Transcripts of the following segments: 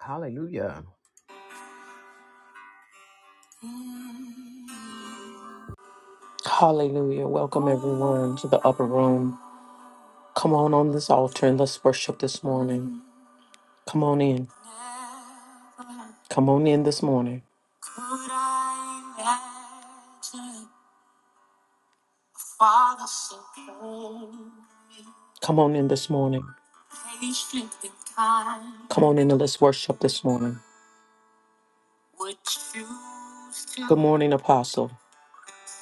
Hallelujah. Hallelujah. Welcome everyone to the upper room. Come on on this altar and let's worship this morning. Come on in. Come on in this morning. Could I imagine Father so kind? Come on in this morning. Patient and kind. Come on in and let's worship this morning. Would choose to Good morning, Apostle.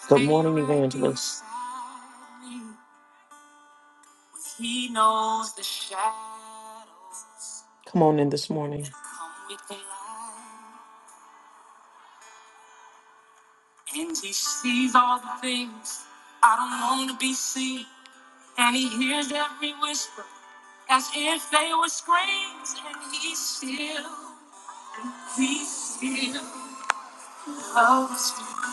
Good morning, Evangelist. He knows the shadows Come on in this morning. that come with the light. And he sees all the things I don't want to be seen. And he hears every whisper as if they were screams. And he still, he still loves me.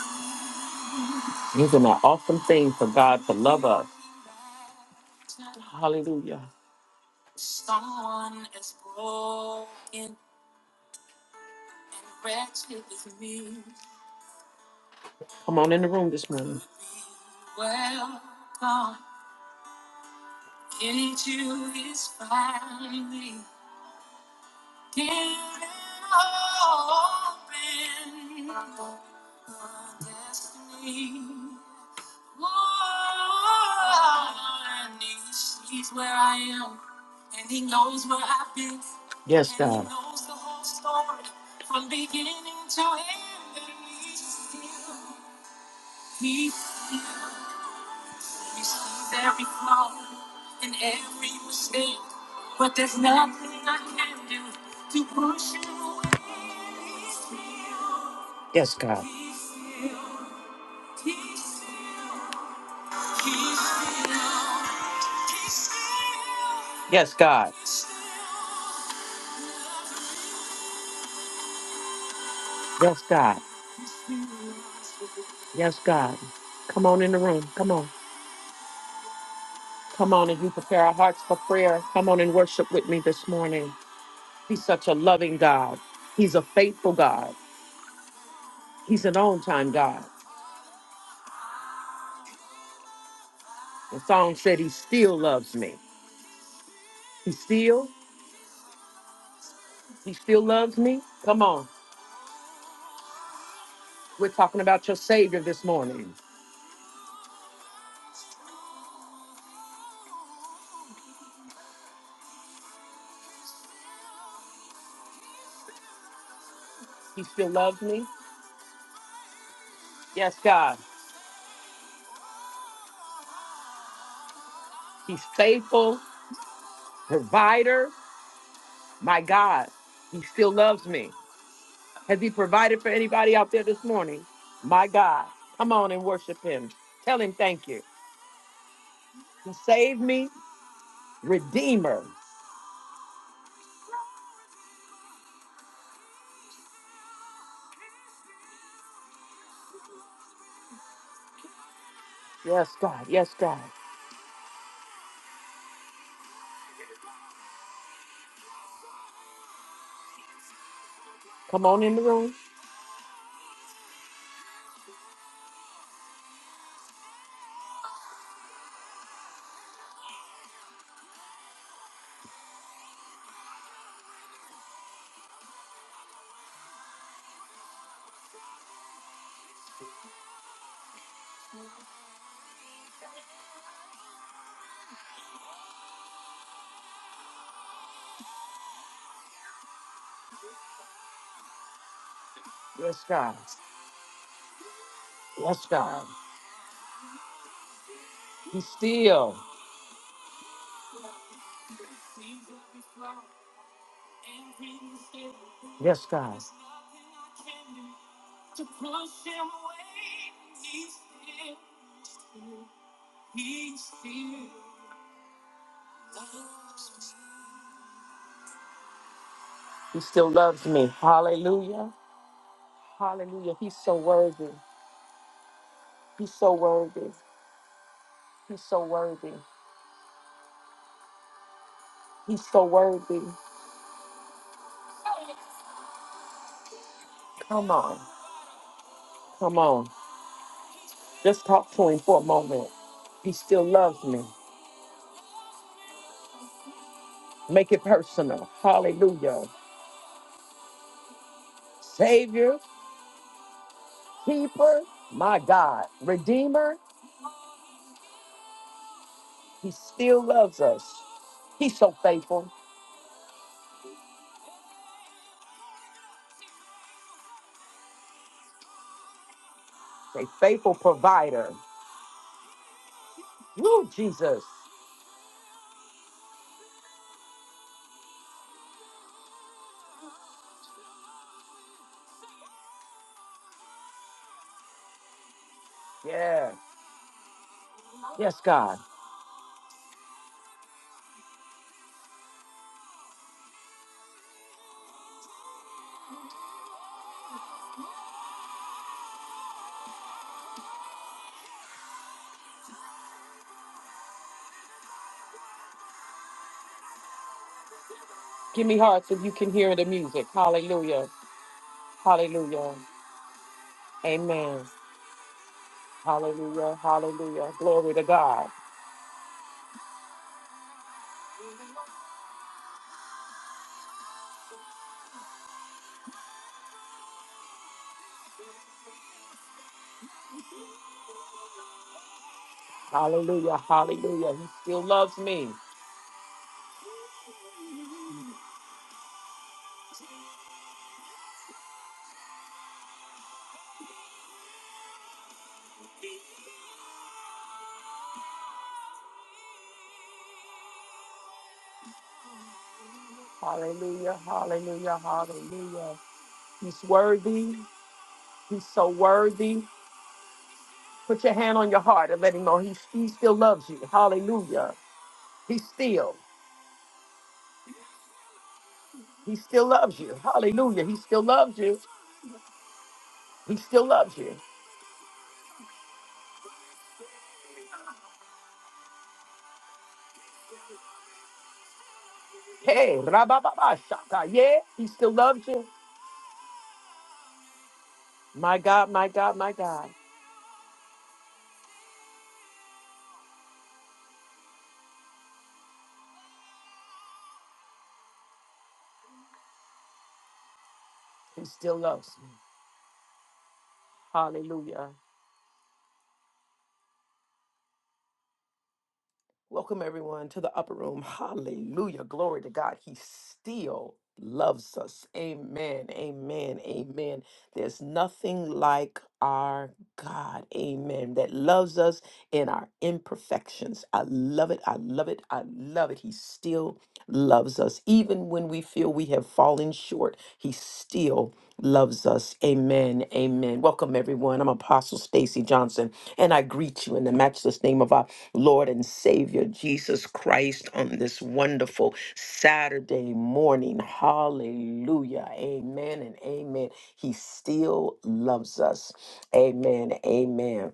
Isn't that awesome thing for God to love us? Hallelujah. Someone as broken and wretched as me. Come on in the room this morning. Welcome into his family. Get open the destiny. Whoa, and he sees where I am, and he knows where I've been, Yes, and he God. knows the whole story from beginning to end. And he's still, he's still. You see every flaw and every mistake, but there's nothing I can do to push you away. Yes, God. Yes, God. Yes, God. Yes, God. Come on in the room. Come on. Come on and you prepare our hearts for prayer. Come on and worship with me this morning. He's such a loving God. He's a faithful God. He's an on time God. The song said he still loves me. He still, he still loves me. Come on. We're talking about your Savior this morning. He still loves me. Yes, God. He's faithful, provider. My God, he still loves me. Has he provided for anybody out there this morning? My God. Come on and worship him. Tell him thank you. Save me, Redeemer. Yes, God. Yes, God. Come on in the room. Yes, God. Yes, God. He's still. Yes, God. He still loves me. Hallelujah. Hallelujah. He's so worthy. He's so worthy. He's so worthy. He's so worthy. Come on. Come on. Just talk to him for a moment. He still loves me. Make it personal. Hallelujah. Savior, keeper, my God, redeemer, he still loves us. He's so faithful. A faithful provider. Woo, Jesus. Yeah. Yes, God. Give me hearts if you can hear the music. Hallelujah. Hallelujah. Amen. Hallelujah, hallelujah. Glory to God. Hallelujah, hallelujah. He still loves me. Hallelujah, hallelujah, hallelujah. He's worthy. He's so worthy. Put your hand on your heart and let him know he, he still loves you. Hallelujah. He still, he still loves you. Hallelujah. He still loves you. He still loves you. Hey, rabababa, shaka. Yeah, he still loves you. My God, my God, my God. He still loves me. Hallelujah. Welcome, everyone, to the upper room. Hallelujah. Glory to God. He still loves us. Amen. Amen. Amen. There's nothing like our God. Amen. That loves us in our imperfections. I love it. I love it. I love it. He still loves us. Even when we feel we have fallen short, He still loves us. Amen. Amen. Welcome, everyone. I'm Apostle Stacy Johnson, and I greet you in the matchless name of our Lord and Savior Jesus Christ on this wonderful Saturday morning. Hallelujah. Amen and amen. He still loves us. Amen. Amen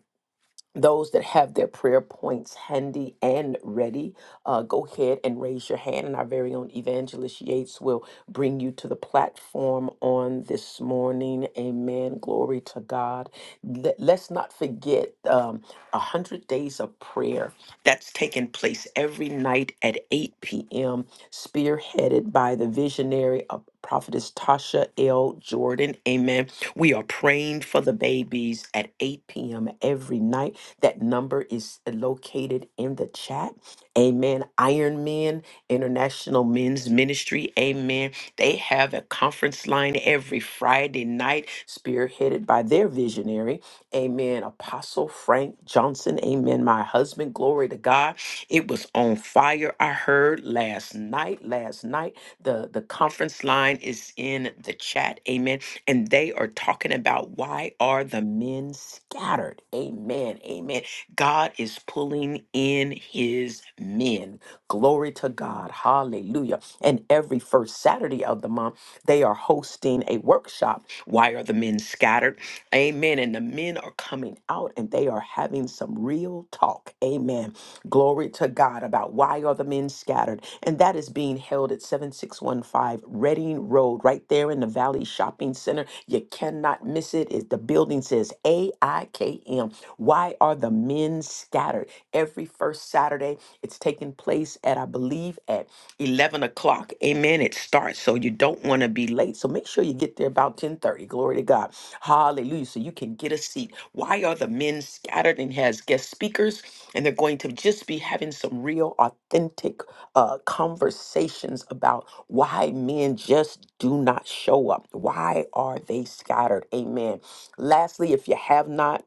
those that have their prayer points handy and ready, uh, go ahead and raise your hand, and our very own Evangelist Yates will bring you to the platform on this morning. Amen. Glory to God. Let, us not forget um, 100 Days of Prayer that's taking place every night at 8 p.m., spearheaded by the visionary of Prophetess Tasha L. Jordan. Amen. We are praying for the babies at 8 p.m. every night. That number is uh, located in the chat. Amen. Iron Men International Men's Ministry. Amen. They have a conference line every Friday night, spearheaded by their visionary. Amen. Apostle Frank Johnson. Amen. My husband. Glory to God. It was on fire. I heard last night. Last night. The, the conference line is in the chat. Amen and they are talking about why are the men scattered? Amen. Amen. God is pulling in his men. Glory to God. Hallelujah. And every first Saturday of the month, they are hosting a workshop. Why are the men scattered? Amen. And the men are coming out and they are having some real talk. Amen Glory to God about why are the men scattered? And that is being held at 7615 Reading Road, right there in the Valley Shopping Center. You cannot miss it. It- the building says AIKM. Why are the men scattered? Every first Saturday, it's taking place at, I believe, at 11 o'clock. Amen. It starts. So you don't want to be late. So make sure you get there about 1030. Glory to God. Hallelujah. So you can get a seat. Why are the men scattered and has guest speakers? and they're going to just be having some real authentic uh, conversations about why men just do not show up why are they scattered amen lastly if you have not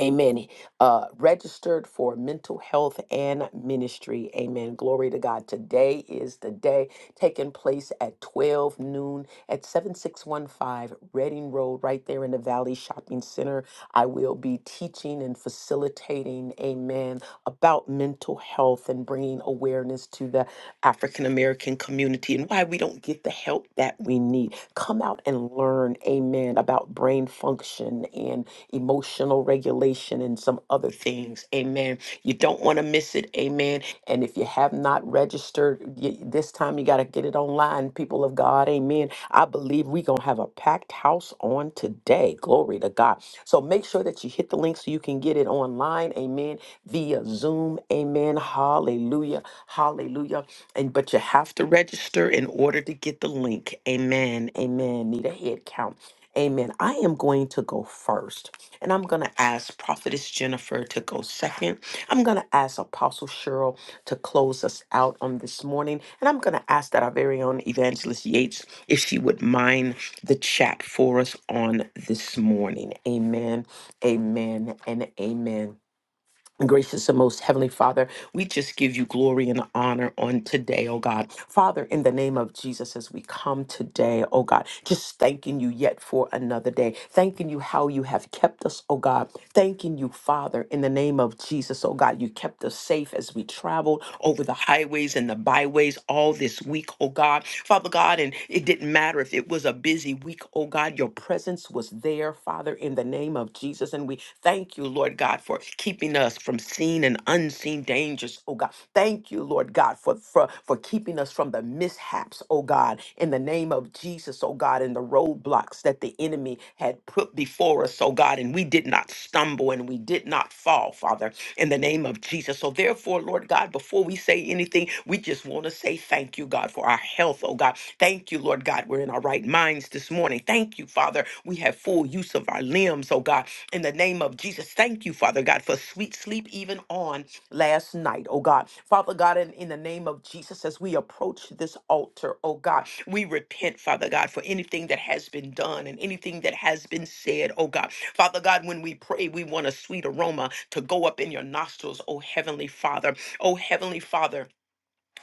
Amen. Uh, registered for mental health and ministry. Amen. Glory to God. Today is the day taking place at 12 noon at 7615 Reading Road, right there in the Valley Shopping Center. I will be teaching and facilitating, amen, about mental health and bringing awareness to the. African American community and why we don't get the help that we need. Come out and learn, amen, about brain function and emotional regulation and some other things, amen you don't want to miss it. Amen. And if you have not registered y this time, you got to get it online, people of God. Amen. I believe we're going to have a packed house on today. Glory to God. So make sure that you hit the link so you can get it online. Amen. Via Zoom. Amen. Hallelujah. Hallelujah. And but you have to register in order to get the link. Amen. Amen. Need a head count. Amen. I am going to go first, and I'm going to ask Prophetess Jennifer to go second. I'm going to ask Apostle Cheryl to close us out on this morning, and I'm going to ask that our very own Evangelist Yates if she would mind the chat for us on this morning. Amen, amen, and amen. Gracious and most heavenly Father, we just give you glory and honor on today, oh God. Father, in the name of Jesus, as we come today, oh God, just thanking you yet for another day, thanking you how you have kept us, oh God. Thanking you, Father, in the name of Jesus, oh God, you kept us safe as we traveled over the highways and the byways all this week, oh God. Father God, and it didn't matter if it was a busy week, oh God, your presence was there, Father, in the name of Jesus, and we thank you, Lord. Lord God, for keeping us from seen and unseen dangers, oh God. Thank you, Lord God, for, for, for keeping us from the mishaps, oh God, in the name of Jesus, oh God, and the roadblocks that the enemy had put before us, oh God, and we did not stumble and we did not fall, Father, in the name of Jesus. So therefore, Lord God, before we say anything, we just want to say thank you, God, for our health, oh God. Thank you, Lord God, we're in our right minds this morning. Thank you, Father, we have full use of our limbs, oh God in the name of Jesus. Thank you, Father God, for sweet sleep even on last night, oh God. Father God, in, in the name of Jesus, as we approach this altar, oh God, we repent, Father God, for anything that has been done and anything that has been said, oh God. Father God, when we pray, we want a sweet aroma to go up in your nostrils, oh Heavenly Father. Oh Heavenly Father,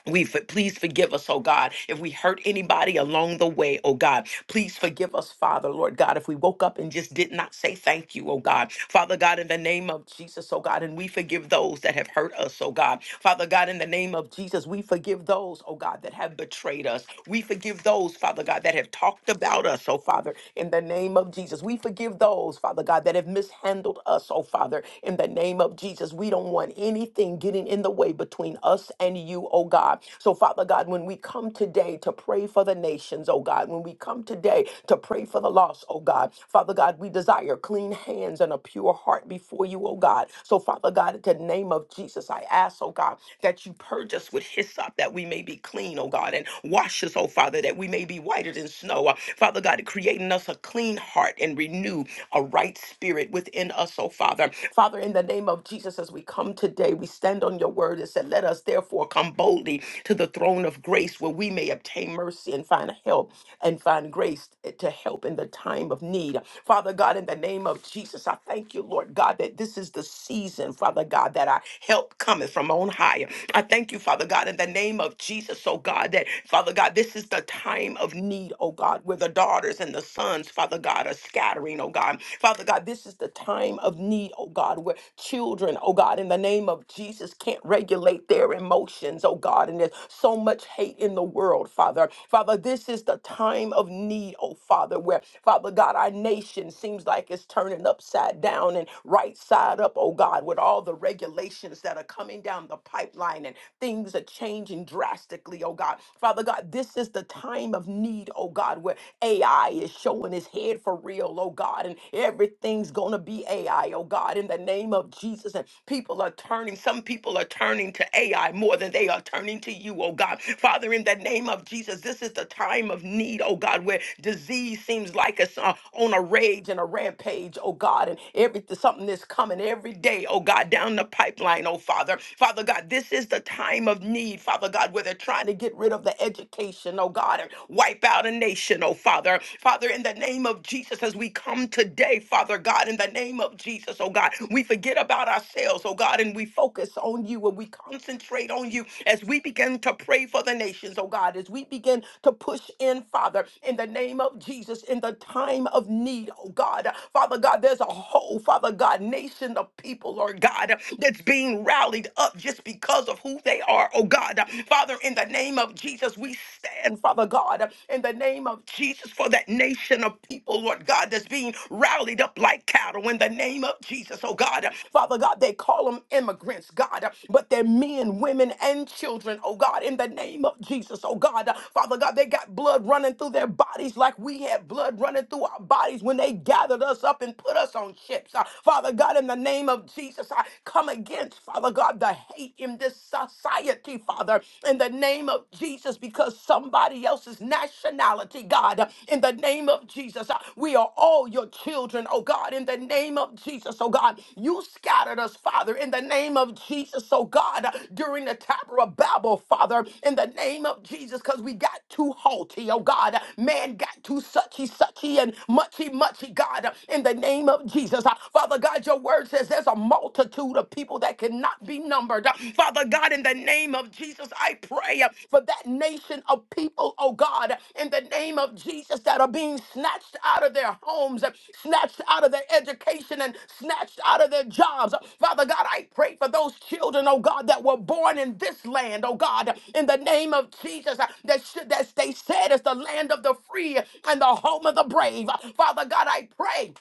we for, please forgive us, oh God, if we hurt anybody along the way, oh God. Please forgive us, Father, Lord God, if we woke up and just did not say thank you, oh God. Father God, in the name of Jesus, oh God, and we forgive those that have hurt us, oh God. Father God, in the name of Jesus, we forgive those, oh God, that have betrayed us. We forgive those, Father God, that have talked about us, oh Father, in the name of Jesus. We forgive those, Father God, that have mishandled us, oh Father, in the name of Jesus. We don't want anything getting getting in the way between us and you, oh God. So, Father God, when we come today to pray for the nations, oh God, when we come today to pray for the lost, oh God, Father God, we desire clean hands and a pure heart before you, oh God. So, Father God, in the name of Jesus, I ask, oh God, that you purge us with hyssop that we may be clean, oh God, and wash us, oh Father, that we may be whiter than snow. Uh, Father God, creating us a clean heart and renew a right spirit within us, oh Father. Father Father, in the name of Jesus, as we come today, we stand on your word and said, Let us therefore come boldly to the throne of grace where we may obtain mercy and find help and find grace to help in the time of need. Father God, in the name of Jesus, I thank you, Lord God, that this is the season, Father God, that our help cometh from on high. I thank you, Father God, in the name of Jesus, oh God, that Father God, this is the time of need, oh God, where the daughters and the sons, Father God, are scattering, oh God. Father God, this is the time of need, oh God, where children, oh God, in the name of Jesus, can't regulate their emotions, oh God, and there's so much hate in the world, Father. Father, this is the time of need, oh Father, where, Father God, our nation seems like it's turning upside down and right side up, oh God, with all the regulations that are coming down the pipeline and things are changing drastically, oh God. Father God, this is the time of need, oh God, where AI AI is showing his head for real, oh God, and everything's going to be AI, oh God, in the name of Jesus. And people are turning, some people are turning to AI more than they are turning to you, oh God. Father, in the name of Jesus, this is the time of need, oh God, where disease seems like it's uh, on a rage and a rampage, oh God, and everything, something is coming every day, oh God, down the pipeline, oh Father. Father God, this is the time of need, Father God, where they're trying to get rid of the education, oh God, and wipe out a nation, oh Father. Father, in the name of Jesus, as we come today, Father God, in the name of Jesus, oh God, we forget about ourselves, oh God, and we focus on you and we concentrate on you as we begin to pray for the nations, oh God, as we begin to push in, Father, in the name of Jesus, in the time of need, oh God. Father God, there's a whole, Father God, nation of people, Lord God, that's being rallied up just because of who they are, oh God. Father, in the name of Jesus, we stand, Father God, in the name of Jesus for that nation of people, Lord God, that's being rallied up like cattle in the name of Jesus, oh God. Father God, they call them immigrants, God, but they're men, women, and children, oh God, in the name of Jesus, oh God. Father God, they got blood running through their bodies like we had blood running through our bodies when they gathered us up and put us on ships. Uh, Father God, in the name of Jesus, I come against, Father God. God, the hate in this society, Father, in the name of Jesus, because somebody else's nationality, God, in the name of Jesus, uh, we are all your children, oh God, in the name of Jesus, oh God, you scattered us, Father, in the name of Jesus, oh God, uh, during the Tower of Babel, Father, in the name of Jesus, because we got too haughty, oh God, man got too suchy, suchy, and muchy, muchy, God, uh, in the name of Jesus, Uh, Father God, your words. says says there's a multitude of people that cannot be numbered. Uh, Father God, in the name of Jesus, I pray uh, for that nation of people, oh God, in the name of Jesus, that are being snatched out of their homes, uh, snatched out of their education, and snatched out of their jobs. Uh, Father God, I pray for those children, oh God, that were born in this land, oh God, in the name of Jesus, uh, that, should, that they said is the land of the free and the home of the brave. Uh, Father God, I pray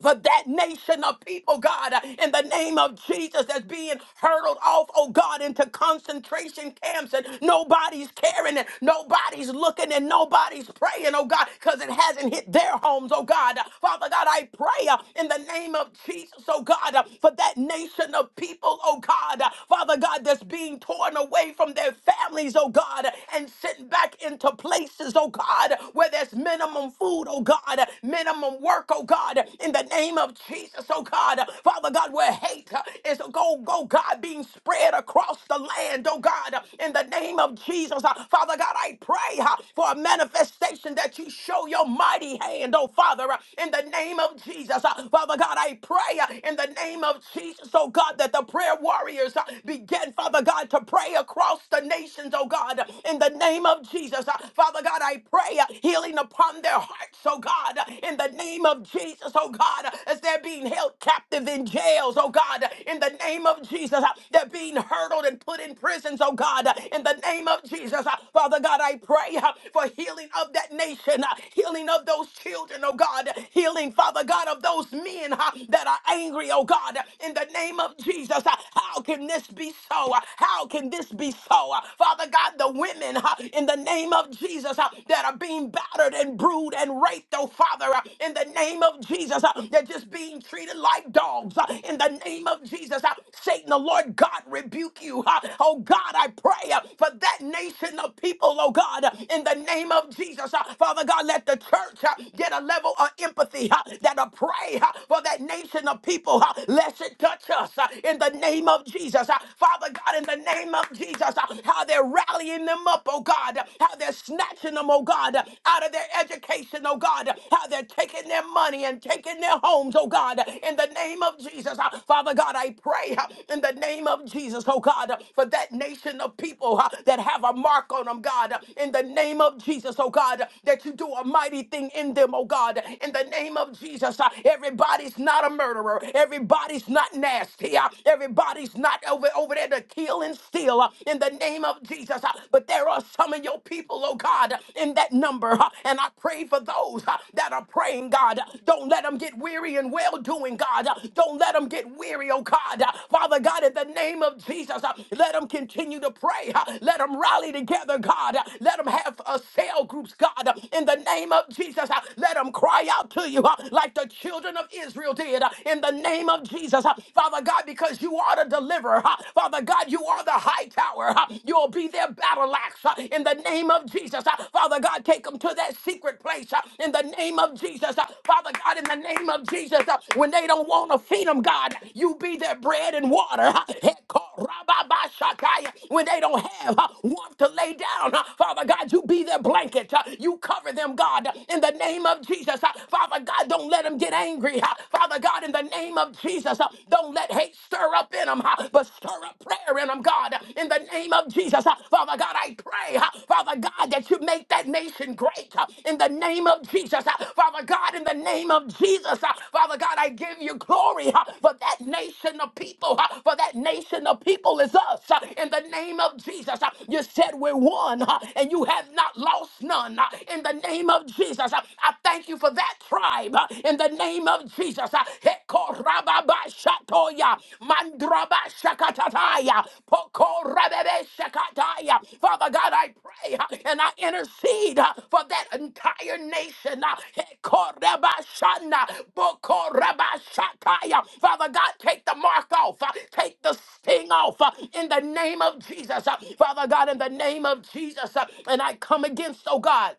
for that nation of people, God, uh, in the name of Jesus, that's being hurtled off, oh God, into concentration camps, and nobody's caring, and nobody's looking, and nobody's praying, oh God, because it hasn't hit their homes, oh God. Uh, Father God, I pray uh, in the name of Jesus, oh God, uh, for that nation of people, oh God, uh, Father God, that's being torn away from their families, oh God, uh, and sent back into places, oh God, where there's minimum food, oh God, God, minimum work, oh God, in the name of Jesus, oh God, Father God, where hate uh, is a go, go, God, being spread across the land, oh God, in the name of Jesus, Uh, Father God, I pray uh, for a manifestation that you show your mighty hand, oh Father, uh, in the name of Jesus, Uh, Father God, I pray uh, in the name of Jesus, oh God, that the prayer warriors uh, begin, Father God, to pray across the nations, oh God, in the name of Jesus, Uh, Father God, I pray. Hey, uh, healing upon their hearts, oh God, uh, in the name of Jesus, oh God, uh, as they're being held captive in jails, oh God, uh, in the name of Jesus, uh, they're being hurdled and put in prisons, oh God, uh, in the name of Jesus, uh, Father God, I pray uh, for healing of that nation, uh, healing of those children, oh God, uh, healing, Father God, of those men uh, that are angry, oh God, uh, in the name of Jesus, Uh, how can this be so? Uh, How can this be so? Uh, Father God, the women, uh, uh, in the name of Jesus uh, that are being battered and brewed and raped, oh Father, uh, in the name of Jesus, uh, they're just being treated like dogs. uh, In the name of Jesus, uh, Satan, the Lord God, rebuke you. uh, Oh God, I pray uh, for that nation of people, oh God, uh, in the name of Jesus. uh, Father God, let the church uh, get a level of empathy uh, that'll pray uh, for that nation of people. uh, Lest it touch us uh, in the name of Jesus. uh, Father God, in the name of Jesus. Jesus, uh, how they're rallying them up, oh God, uh, how they're snatching them, oh God, uh, out of their education, oh God, uh, how they're taking their money and taking their homes, oh God, uh, in the name of Jesus. uh, Father God, I pray uh, in the name of Jesus, oh God, uh, for that nation of people uh, that have a mark on them, God, uh, in the name of Jesus, oh God, uh, that you do a mighty thing in them, oh God, in the name of Jesus. uh, Everybody's not a murderer, everybody's not nasty, uh, everybody's not not over, over there to kill and steal uh, in the name of Jesus. uh, But there are some of your people, oh God, uh, in that number. uh, And I pray for those uh, that are praying, God. Uh, Don't let them get weary in well doing, God. Uh, Don't let them get weary, oh God. Uh, Father God, in the name of Jesus, uh, let them continue to pray. uh, Let them rally together, God. Uh, Let them have uh, cell groups, God. Uh, In the name of Jesus, uh, let them cry out to you uh, like the children of Israel did. Uh, In the name of Jesus. Jesus. Uh, Father God, because you are the deliverer. Uh, Father God, you are the high tower. Uh, You'll be their battle axe uh, in the name of Jesus. Uh, Father God, take them to that secret place uh, in the name of Jesus. Uh, Father God, in the name of Jesus, uh, when they don't want to feed them, God, you be their bread and water. Uh, Hekorababashakaya. When they don't have uh, warmth to lay down, uh, Father God, you be their blanket. Uh, You cover them, God, in the name of Jesus. Uh, Father God, don't let them get angry hungry. uh, Father God, in the name of Jesus, uh, don't let hate stir up in them, but stir up prayer in them, God. In the name of Jesus, uh, Father God, I pray, uh, Father God, that you make that nation great. uh, In the name of Jesus, uh, Father God, in the name of Jesus, uh, Father God, I give you glory uh, for that nation of people, uh, for that nation of people is us. uh, In the name of Jesus, uh, you said we're one, uh, and you have not lost none. uh, In the name of Jesus, uh, I thank thank you for that tribe uh, in the name of Jesus. Uh, Hekorababashatoya, mandrabashakatataya, pokorabebeshakataya. Father God, I pray uh, and I intercede uh, for that entire nation. uh, Hekorabashana, bokorabashataya. Father God, take the mark off, uh, take the sting off uh, in the name of Jesus. Uh, Father God, in the name of Jesus, uh, and I come against, oh God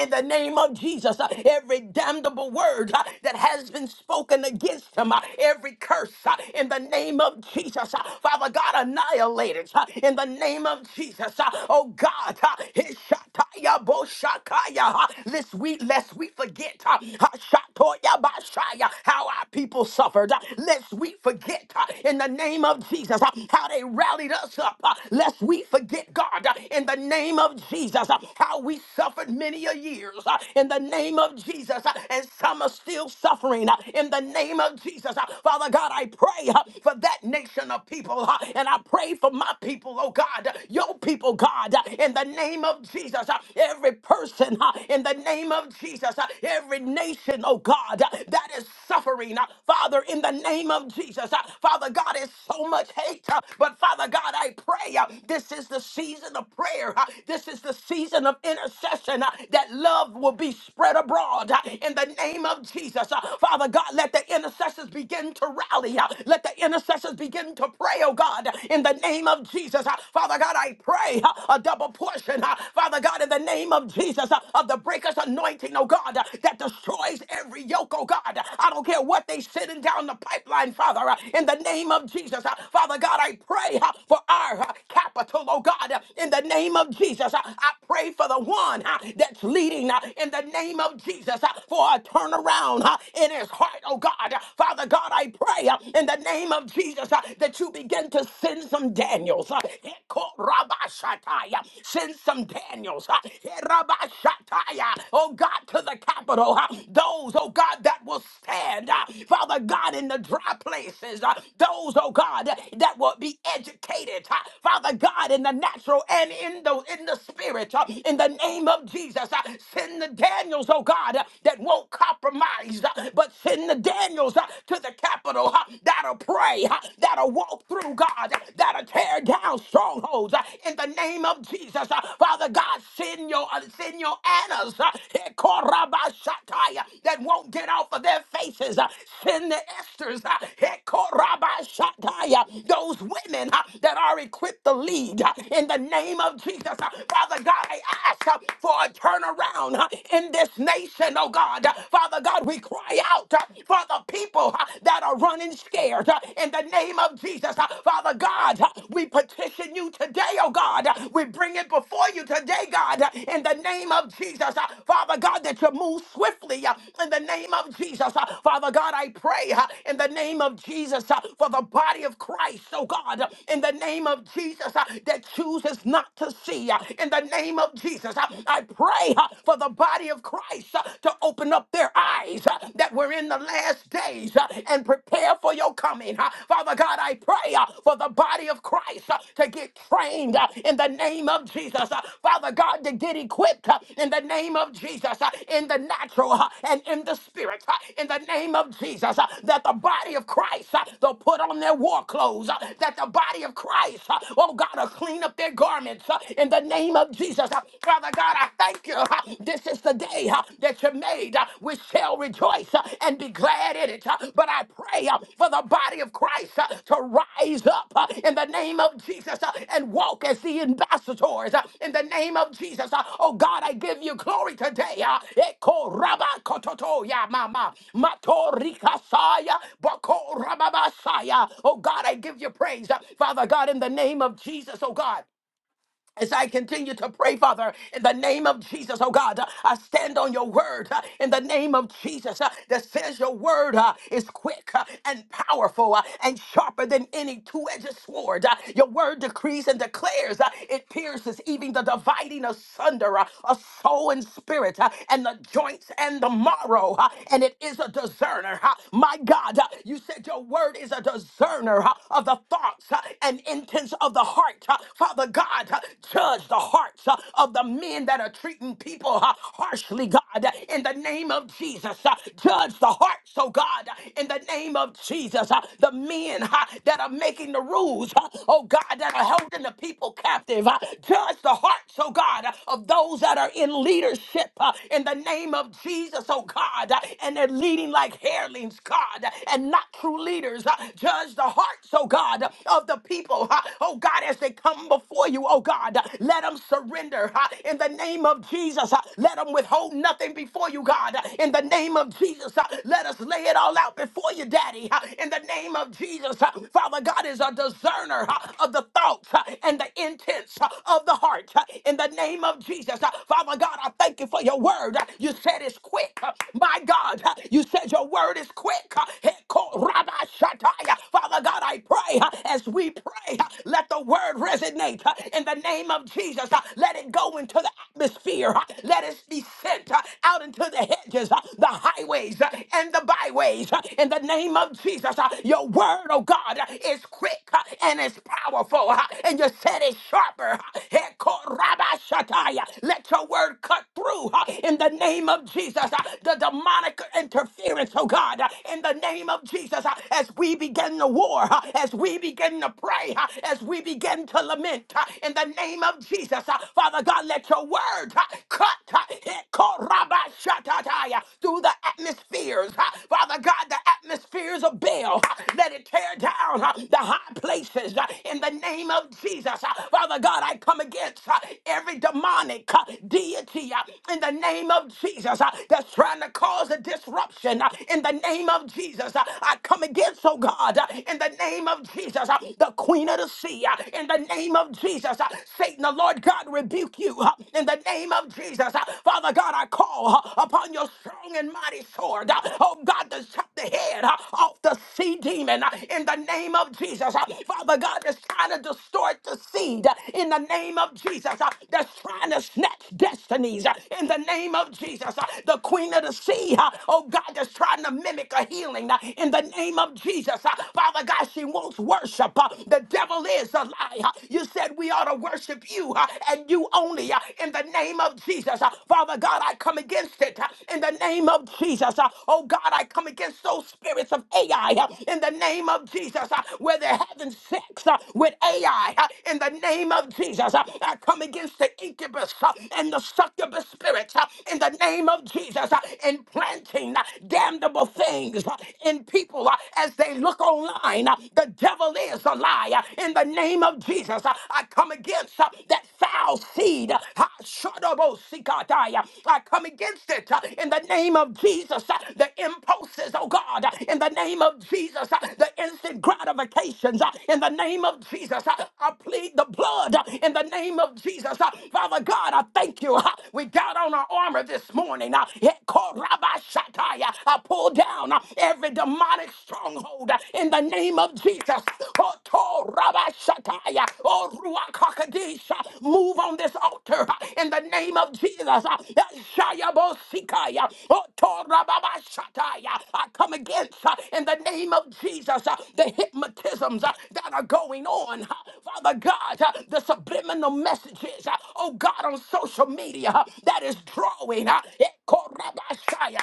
in the name of Jesus, uh, every damnable word uh, that has been spoken against him, uh, every curse uh, in the name of Jesus, uh, Father God, annihilate it uh, in the name of Jesus. uh, Oh God, uh, Hishataya Boshakaya, uh, this week, lest we forget uh, Hashatoya Bashaya, how our people suffered, uh, lest we forget uh, in the name of Jesus uh, how they rallied us up, uh, lest we forget, God, uh, in the name of Jesus, uh, how we suffered many a years uh, in the name of Jesus, uh, and some are still suffering uh, in the name of Jesus. Uh, Father God, I pray uh, for that nation of people, uh, and I pray for my people, oh God, uh, your people, God, uh, in the name of Jesus. Uh, Every person uh, in the name of Jesus, uh, every nation, oh God, uh, that is suffering, uh, Father, in the name of Jesus. Uh, Father God, it's so much hate, uh, but Father God, I pray uh, this is the season of prayer, uh, this is the season of intercession intercession uh, that love will be spread abroad uh, in the name of Jesus. Uh, Father God, let the intercessors begin to rally. uh, Let the intercessors begin to pray, oh God, in the name of Jesus. Uh, Father God, I pray uh, a double portion, uh, Father God, in the name of Jesus, uh, of the breaker's anointing, oh God, uh, that destroys every yoke, oh God. I don't care what they sending down the pipeline, Father, uh, in the name of Jesus. Uh, Father God, I pray uh, for our uh, capital, oh God, uh, in the name of Jesus. Uh, I pray for for the one uh, that's leading uh, in the name of Jesus uh, for a turnaround uh, in his heart, oh God. Uh, Father God, I pray uh, in the name of Jesus uh, that you begin to send some Daniels. uh, Hekorabashatai, uh, Send some Daniels. uh, Herabashatai, uh, Oh God, to the capital. uh, Those, oh God, that will stand. uh, Father God, in the dry places. uh, Those, oh God, that will be educated. uh, Father God, in the natural and in the in the spirit. Spirit, uh, in the name of Jesus. uh, Send the Daniels, oh God, uh, that won't compromise, uh, but send the Daniels uh, to the capital uh, that'll pray, uh, that'll walk through, God, uh, that'll tear down strongholds uh, in the name of Jesus. uh, Father God, send your, uh, send your Annas uh, Hekorabashatai, uh, that won't get off of their faces. uh, Send the Esther's uh, Hekorabashatai, uh, those women uh, that are equipped to lead uh, in the name of Jesus. Uh, Father God, I ask uh, for a turnaround uh, in this nation, oh God. Uh, Father God, we cry out uh, for the people uh, that are running scared uh, in the name of Jesus. Uh, Father God, uh, we petition you today, oh God. Uh, We bring it before you today, God, uh, in the name of Jesus. Uh, Father God, that you move swiftly uh, in the name of Jesus. Uh, Father God, I pray uh, in the name of Jesus uh, for the body of Christ, oh God, uh, in the name of Jesus uh, that chooses not to see see uh, In the name of Jesus, uh, I pray uh, for the body of Christ uh, to open up their eyes uh, that we're in the last days uh, and prepare for your coming. uh. Father God, I pray uh, for the body of Christ uh, to get trained uh, in the name of Jesus. uh. Father God, to get equipped uh, in the name of Jesus, uh, in the natural uh, and in the spirit, uh, in the name of Jesus, uh, that the body of Christ, uh, they'll put on their war clothes, uh, that the body of Christ, uh, oh God, will clean up their garments assignments uh, in the name of Jesus. Uh, Father God, I thank you. uh, This is the day uh, that you made. uh, We shall rejoice uh, and be glad in it. Uh, But I pray uh, for the body of Christ uh, to rise up uh, in the name of Jesus uh, and walk as the ambassadors uh, in the name of Jesus. Uh, Oh God, I give you glory today. uh, Eko raba kototo ya mama. Matorika saya bako rababasaya. Oh God, I give you praise. Uh, Father God, in the name of Jesus, oh God. As I continue to pray, Father, in the name of Jesus, oh God, uh, I stand on your word uh, in the name of Jesus uh, that says your word uh, is quick uh, and powerful uh, and sharper than any two edged sword. Uh, Your word decrees and declares uh, it pierces even the dividing asunder uh, of soul and spirit uh, and the joints and the marrow, uh, and it is a discerner. uh, My God, uh, you said your word is a discerner uh, of the thoughts uh, and intents of the heart. Uh, Father God, uh, judge the hearts uh, of the men that are treating people uh, harshly, God, uh, in the name of Jesus. uh, Judge the hearts, oh God, uh, in the name of Jesus. uh, The men uh, that are making the rules, uh, oh God, that are holding the people captive. uh, Judge the hearts, oh God, uh, of those that are in leadership uh, in the name of Jesus, oh God, uh, and they're leading like hirelings, God, uh, and not true leaders. uh, Judge the hearts, oh God, uh, of the people, uh, oh oh God, as they come before you, oh God, let them surrender huh, in the name of Jesus. huh. Let them withhold nothing before you, God, uh, in the name of Jesus. huh. Let us lay it all out before you, Daddy, huh, in the name of Jesus. huh. Father God is a discerner huh, of the thoughts huh, and the intents huh, of the heart, huh, in the name of Jesus. huh. Father God, I thank you for your word. huh. You said it's quick, huh. my God. huh. You said your word is quick. huh. Father God, I pray huh, as we we pray, uh, let the word resonate uh, in the name of Jesus. uh, Let it go into the atmosphere. uh, Let it be sent uh, out into the hedges, uh, the highways, uh, and the byways. uh, In the name of Jesus, Uh, your word, oh God, uh, is quick uh, and it's powerful. uh, And you said it's sharper. uh, Hekorabashataya. Let your word cut through uh, in the name of Jesus. uh, The demonic interference, oh God, uh, in the name of Jesus, uh, as we begin the war, uh, as we begin to pray, uh, as we begin to lament uh, in the name of Jesus. uh, Father God, let your word uh, cut uh, eh, korabashatataya, through the atmospheres. uh, Father God, the atmospheres of Baal, uh, let it tear down uh, the high places uh, in the name of Jesus. Uh, Father God, I come against uh, every demonic uh, deity uh, in the name of Jesus uh, that's trying to cause a disruption uh, in the name of Jesus. Uh, I come against, oh God. God, uh, in the name of Jesus, uh, the queen of the sea, uh, in the name of Jesus, uh, Satan, the Lord God, rebuke you, uh, in the name of Jesus. uh, Father God, I call uh, upon your strong and mighty sword, uh, oh God, to chop the head uh, off the sea demon, uh, in the name of Jesus. uh, Father God, that's trying to distort the seed, uh, in the name of Jesus, uh, that's trying to snatch destinies, uh, in the name of Jesus, uh, the queen of the sea, uh, oh God, that's trying to mimic a healing, uh, in the name name of Jesus. Uh, Father God, she wants worship. Uh, The devil is a lie. Uh, You said we ought to worship you uh, and you only uh, in the name of Jesus. Uh, Father God, I come against it uh, in the name of Jesus. Uh, Oh God, I come against those spirits of AI uh, in the name of Jesus uh, where they're having sex uh, with AI uh, in the name of Jesus. Uh, I come against the incubus uh, and the succubus spirits uh, in the name of Jesus uh, implanting uh, damnable things. uh, lies uh, in people uh, as they look online. Uh, The devil is a liar. In the name of Jesus, uh, I come against uh, that foul seed. Uh, ha, shadabosikataya. I come against it uh, in the name of Jesus. Uh, The impulses, oh God, uh, in the name of Jesus, uh, the instant gratifications, uh, in the name of Jesus. Uh, I plead the blood uh, in the name of Jesus. Uh, Father God, I thank you. Uh, We got on our armor this morning. Uh, it called Rabbi Shatai. I pull down uh, every demonic stronghold uh, in the name of Jesus. Oto rabashataya, O Ruach HaKodesh, uh, Move on this altar uh, in the name of Jesus. uh, Shaya Bosikaya, Oto rababashataya. I come against uh, in the name of Jesus uh, the hypnotisms uh, that are going on. uh, Father God, uh, the subliminal messages, uh, oh God, on social media uh, that is drawing. uh,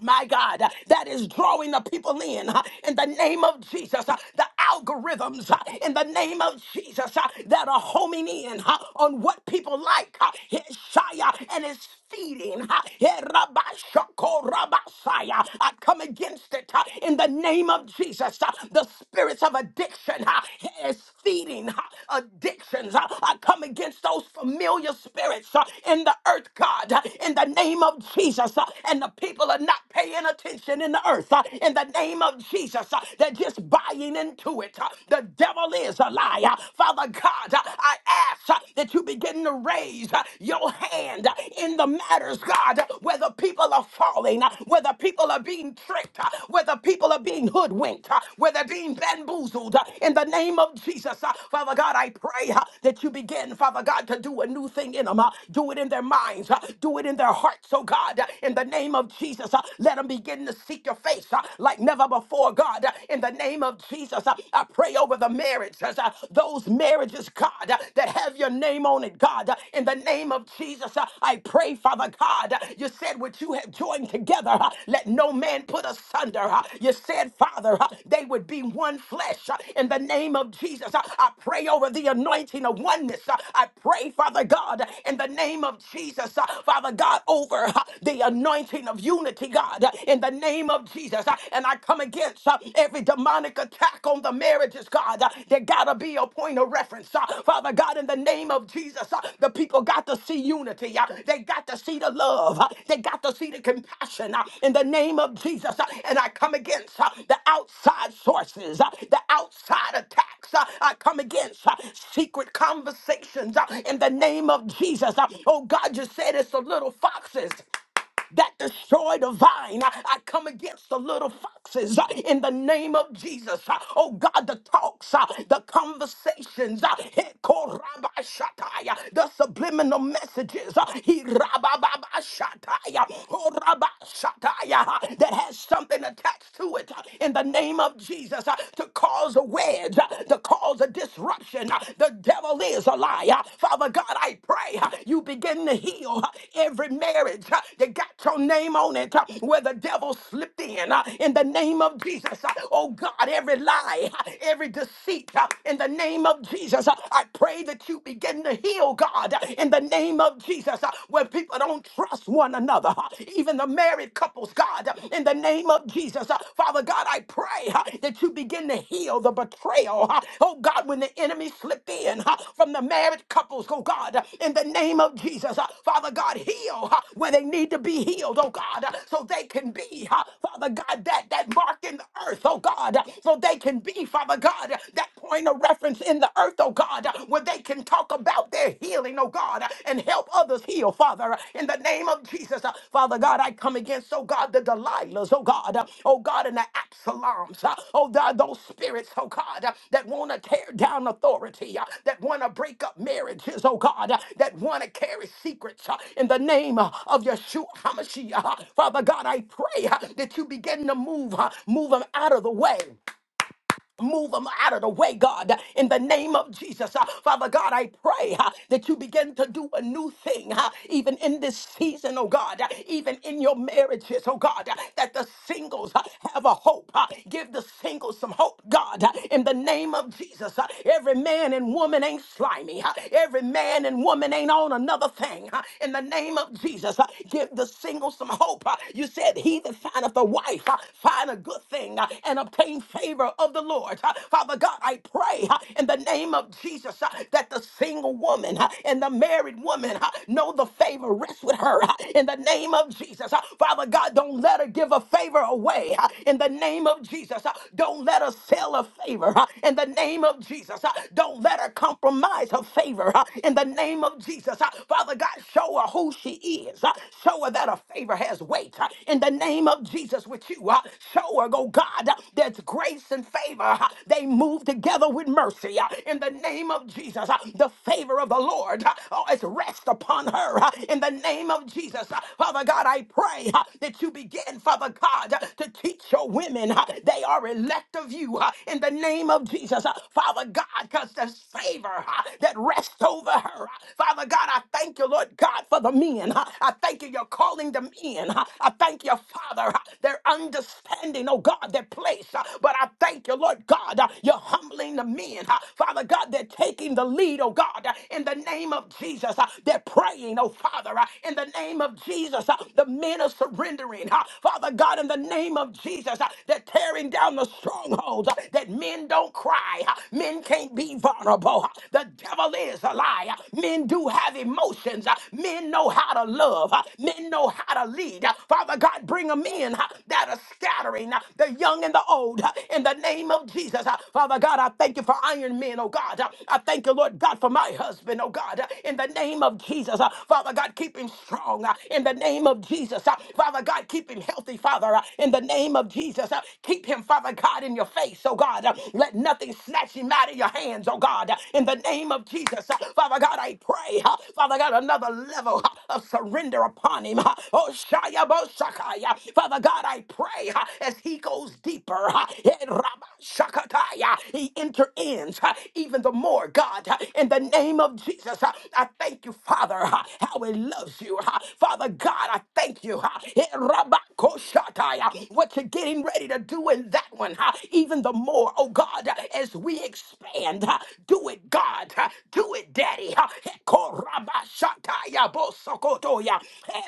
my God, uh, that is drawing the people in uh, in the name of Jesus. uh, The algorithms uh, in the name of Jesus uh, that are homing in uh, on what people like. uh, Shia, And it's feeding. uh, yeah, Rabba Shoko Rabba Shia. I come against it uh, in the name of Jesus. uh, The spirits of addiction uh, is feeding uh, addictions. uh, I come against those familiar spirits uh, in the earth, God, uh, in the name of Jesus. uh, And the people people are not paying attention in the earth uh, in the name of Jesus. uh, They're just buying into it. uh, The devil is a liar. Father God, uh, I ask uh, that you begin to raise uh, your hand uh, in the matters, God, uh, where the people are falling, uh, where the people are being tricked, uh, where the people are being hoodwinked, uh, are being bamboozled. uh, In the name of Jesus, uh, Father God, I pray uh, that you begin, Father God, to do a new thing in them. Uh, Do it in their minds. uh, Do it in their hearts, oh God, uh, in the name name of Jesus, uh, let them begin to seek your face uh, like never before, God. Uh, In the name of Jesus, uh, I pray over the marriages, uh, those marriages, God, uh, that have your name on it, God. Uh, In the name of Jesus, uh, I pray, Father God, uh, you said what you have joined together, uh, let no man put asunder. uh, You said, Father, uh, they would be one flesh. uh, In the name of Jesus, uh, I pray over the anointing of oneness. uh, I pray, Father God, in the name of Jesus, uh, Father God, over uh, the anointing of unity, God, uh, in the name of Jesus. Uh, And I come against uh, every demonic attack on the marriages, God. Uh, There gotta be a point of reference. Uh, Father God, in the name of Jesus, uh, the people got to see unity. Uh, They got to see the love. Uh, They got to see the compassion uh, in the name of Jesus. Uh, And I come against uh, the outside sources, uh, the outside attacks. Uh, I come against uh, secret conversations uh, in the name of Jesus. Uh, Oh God, you said it's the little foxes that destroy the vine. I, I come against the little foxes uh, in the name of Jesus. Uh, Oh God, the talks, uh, the conversations, uh, he korabashatai, uh, the subliminal messages, uh, he rabababashatai, uh, oh rabashatai, uh, that has something attached to it uh, in the name of Jesus uh, to cause a wedge, uh, to cause a disruption, uh, the devil is a liar. Father God, I pray uh, you begin to heal uh, every marriage uh, that got your name on it uh, where the devil slipped in. uh, In the name of Jesus, Uh, oh God, every lie, uh, every deceit, uh, in the name of Jesus, uh, I pray that you begin to heal, God, uh, in the name of Jesus, uh, where people don't trust one another, uh, even the married couples, God, uh, in the name name of Jesus. Uh, Father God, I pray uh, that you begin to heal the betrayal. uh, Oh God, when the enemy slipped in uh, from the married couples, oh God, uh, in the name of Jesus. Uh, Father God, heal uh, where they need to be healed, oh God, uh, so they can be, uh, Father God, that, that mark in the earth, oh God, uh, so they can be, Father God, uh, that point of reference in the earth, oh God, uh, where they can talk about their healing, oh oh God, and help others heal, Father, in the name of Jesus. Father God, I come against, oh God, the Delilahs, oh God, oh God, and the Absaloms, oh God, those spirits, oh God, that want to tear down authority, that want to break up marriages, oh God, that want to carry secrets in the name of Yeshua HaMashiach. Father God, I pray that you begin to move, move them out of the way Move them out of the way, God, in the name of Jesus. Uh, Father God, I pray uh, that you begin to do a new thing, uh, even in this season, oh God, uh, even in your marriages, oh God, uh, that the singles uh, have a hope. uh, Give the singles some hope, God, uh, in the name of Jesus. Uh, Every man and woman ain't slimy. uh, Every man and woman ain't on another thing. uh, In the name of Jesus, Uh, give the singles some hope. uh, You said, He that findeth a wife, uh, find a good thing uh, and obtain favor of the of the Lord. Uh, Father God, I pray uh, in the name of Jesus uh, that the single woman uh, and the married woman uh, know the favor rests with her uh, in the name of Jesus. Uh, Father God, don't let her give a favor away uh, in the name of Jesus. Uh, Don't let her sell a favor uh, in the name of Jesus. Uh, Don't let her compromise her favor uh, in the name of Jesus. Uh, Father God, show her who she is. Uh, Show her that her favor has weight uh, in the name of Jesus with you. Uh, Show her, oh God, that's grace grace and favor, uh, they move together with mercy. uh, In the name of Jesus, Uh, the favor of the Lord uh, oh, is rest upon her. uh, In the name of Jesus, Uh, Father God, I pray uh, that you begin, Father God, uh, to teach your women uh, they are elect of you. uh, In the name of Jesus, Uh, Father God, because there's favor uh, that rests over her. uh, Father God, I thank you, Lord God, for the men. uh, I thank you, you're calling them in. uh, I thank you, Father, uh, their understanding, oh God, their place. uh, but I thank you, Lord God, uh, you're humbling the men, uh, Father God, they're taking the lead, oh God, uh, in the name of Jesus. uh, They're praying, oh Father, uh, in the name of Jesus. uh, The men are surrendering, uh, Father God, in the name of Jesus. uh, They're tearing down the strongholds uh, that men don't cry, uh, men can't be vulnerable. uh, The devil is a liar. Men do have emotions, uh, men know how to love, uh, men know how to lead. uh, Father God, bring them in uh, that are scattering uh, the young and the old cold uh, in the name of Jesus. Uh, Father God, I thank you for Iron Men, oh God. Uh, I thank you, Lord God, for my husband, oh God, uh, in the name of Jesus. Uh, Father God, keep him strong uh, in the name of Jesus. Uh, Father God, keep him healthy, Father, uh, in the name of Jesus. Uh, Keep him, Father God, in your face, oh God. Uh, Let nothing snatch him out of your hands, oh God, uh, in the name of Jesus. Uh, Father God, I pray, uh, Father God, another level uh, of surrender upon him. uh, Oh, Shaya Bo Shakaya. Father God, I pray uh, as he goes deep deeper. uh, eh, uh, He interends even the more, God, uh, in the name of Jesus. uh, I thank you, Father, uh, how He loves you. uh, Father God, I thank you. uh, eh, uh, What you're getting ready to do in that one, uh, even the more, oh God, uh, as we expand, uh, do it, God, uh, do it, Daddy. uh, eh, Bosokotoya, eh,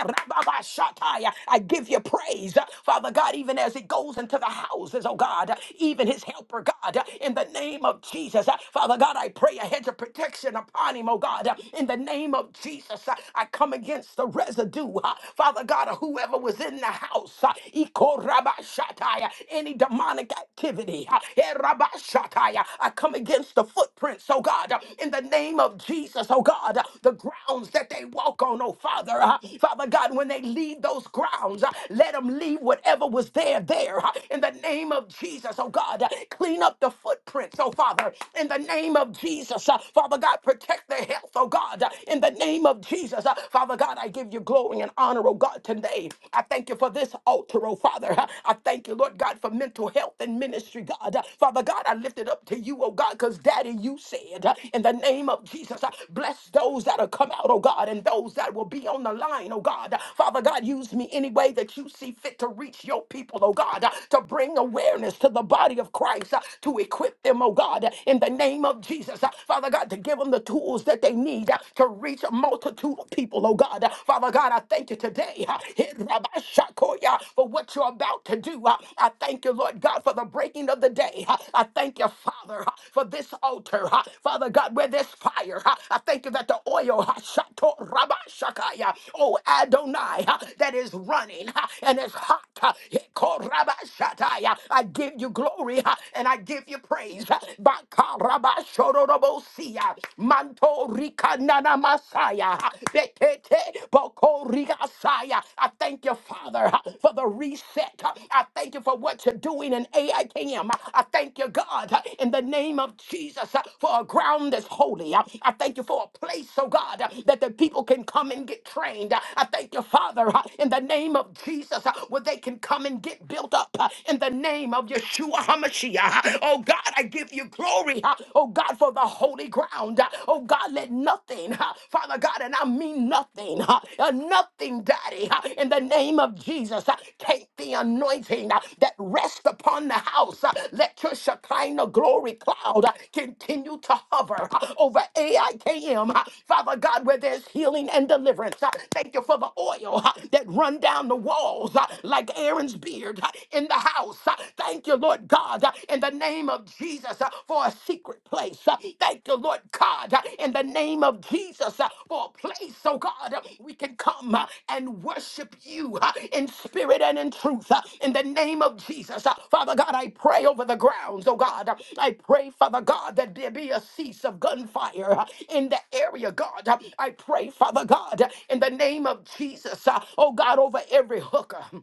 I give you praise, uh, Father God, even as it goes into the into the houses, oh God, even his helper, God, in the name of Jesus. Father God, I pray a hedge of protection upon him, oh God, in the name of Jesus. I come against the residue, Father God, of whoever was in the house, Ikorabashatai, any demonic activity, Erabashatai. I come against the footprints, oh God, in the name of Jesus, oh God, the grounds that they walk on, oh Father, Father God, when they leave those grounds, let them leave whatever was there, there. Father, uh, in the name of Jesus, oh God. uh, Clean up the footprints, oh Father, in the name of Jesus. uh, Father God, protect their health, oh God, uh, in the name of Jesus. uh, Father God, I give you glory and honor, oh God, today. I thank you for this altar, oh Father. uh, I thank you, Lord God, for mental health and ministry, God. Uh, Father God, I lift it up to you, oh God, because Daddy, you said, uh, in the name of Jesus, uh, bless those that are come out, oh God, and those that will be on the line, oh God. Father God, use me any way that you see fit to reach your people, oh God, uh, to bring awareness to the body of Christ, uh, to equip them, oh God, uh, in the name of Jesus. uh, Father God, to give them the tools that they need uh, to reach a multitude of people, oh God. Uh, Father God, I thank you today uh, Rabashakoya, for what you're about to do. Uh, I thank you, Lord God, for the breaking of the day. Uh, I thank you, Father, uh, for this altar. uh, Father God, where there's fire, uh, I thank you that the oil, uh, Shato Rabashakaya, oh Adonai, uh, that is running uh, and it's hot. uh, Korabashataya. I give you glory ha, and I give you praise. Bakarabashorobosia. Manto rikanana masaya. ha, Betete bokorigasaya. I thank you, Father, ha, for the reset. ha. I thank you for what you're doing in AIKM. I K M. Uh, I thank you, God, ha, in the name of Jesus, ha, for a ground that's holy. ha. I thank you for a place, oh God, ha, that the people can come and get trained. Uh, I thank you, Father, ha, in the name of Jesus, ha, where they can come come and get built up uh, in the name of Yeshua HaMashiach. Oh God, I give you glory. uh, Oh God, for the holy ground. uh, Oh God, let nothing, uh, Father God, and I mean nothing, uh, uh, nothing, Daddy, uh, in the name of Jesus. uh, Take the anointing uh, that rests upon the house. uh, Let your Shekinah glory cloud uh, continue to hover uh, over AIKM. uh, Father God, where there's healing and deliverance. uh, Thank you for the oil uh, that run down the walls uh, like like Aaron's beard uh, in the house. Uh, Thank you, Lord God, uh, in the name of Jesus uh, for a secret place. Uh, Thank you, Lord God, uh, in the name of Jesus uh, for a place, oh God, uh, we can come uh, and worship you uh, in spirit and in truth. uh, In the name of Jesus, Uh, Father God, I pray over the grounds, oh God. Uh, I pray, Father God, that there be a cease of gunfire uh, in the area, God. Uh, I pray, Father God, uh, in the name of Jesus, uh, oh God, over every hooker.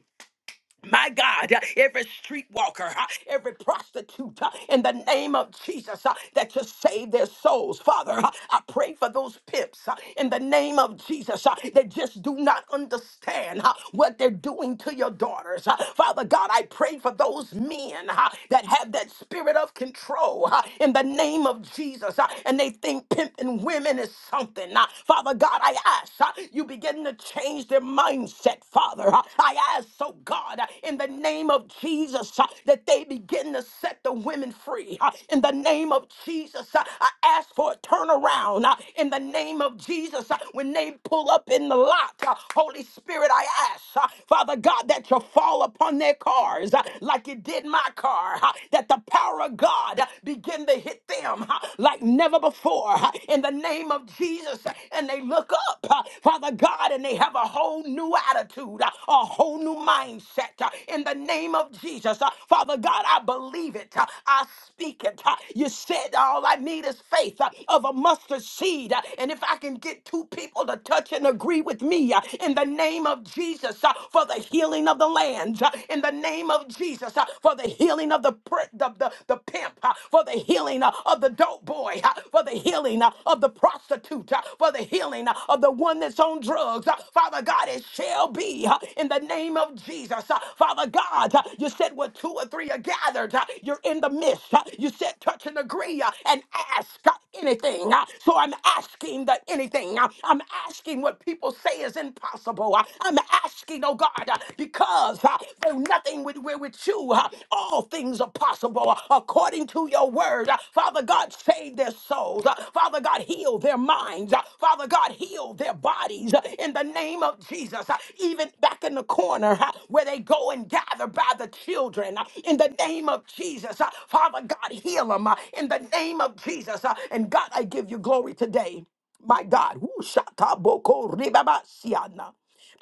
My God, uh, every streetwalker, uh, every prostitute, uh, in the name of Jesus, uh, that you save their souls. Father, uh, I pray for those pimps uh, in the name of Jesus uh, that just do not understand uh, what they're doing to your daughters. Uh, Father God, I pray for those men uh, that have that spirit of control uh, in the name of Jesus uh, and they think pimping women is something. Uh, Father God, I ask uh, you begin to change. their change their mindset, Father. Uh, I ask, so God, uh, in the name of Jesus, uh, that they begin to set the women free. Uh, In the name of Jesus, uh, I ask for a turnaround. Uh, In the name of Jesus, uh, when they pull up in the lot, uh, Holy Spirit, I ask, uh, Father God, that you fall upon their cars uh, like it did my car, uh, that the power of God uh, begin to hit them uh, like never before. Uh, In the name of Jesus, and they look up, uh, Father God, and they have a whole new attitude, uh, a whole new mindset uh, in the name of Jesus. Uh, Father God, I believe it. uh, I speak it. uh, You said all I need is faith uh, of a mustard seed. uh, And if I can get two people to touch and agree with me uh, in the name of Jesus uh, for the healing of the lands, uh, in the name of Jesus uh, for the healing of the, pr- the, the, the pimp, uh, for the healing uh, of the dope dope boy, uh, for the healing uh, of the prostitute, uh, for the healing uh, of the one that's on drugs. uh, Father God, it shall be uh, in the name of Jesus. uh, Father God, uh, you said where two or three are gathered, uh, you're in the midst. uh, You said touch and agree uh, and ask uh, anything. uh, So I'm asking the anything. uh, I'm asking what people say is impossible. uh, I'm asking, oh God, uh, because uh, though nothing with, with with you, uh, all things are possible possible uh, according to your word. Uh, Father God, save their souls. Uh, Father God, heal their minds. Uh, Father God, heal their bodies uh, in the name of Jesus. Uh, Even back in the corner uh, where they go and gather by the children uh, in the name of Jesus. Uh, Father God, heal them in the name of Jesus. Uh, And God, I give you glory today. My God, woo, shataboko ribabasiana.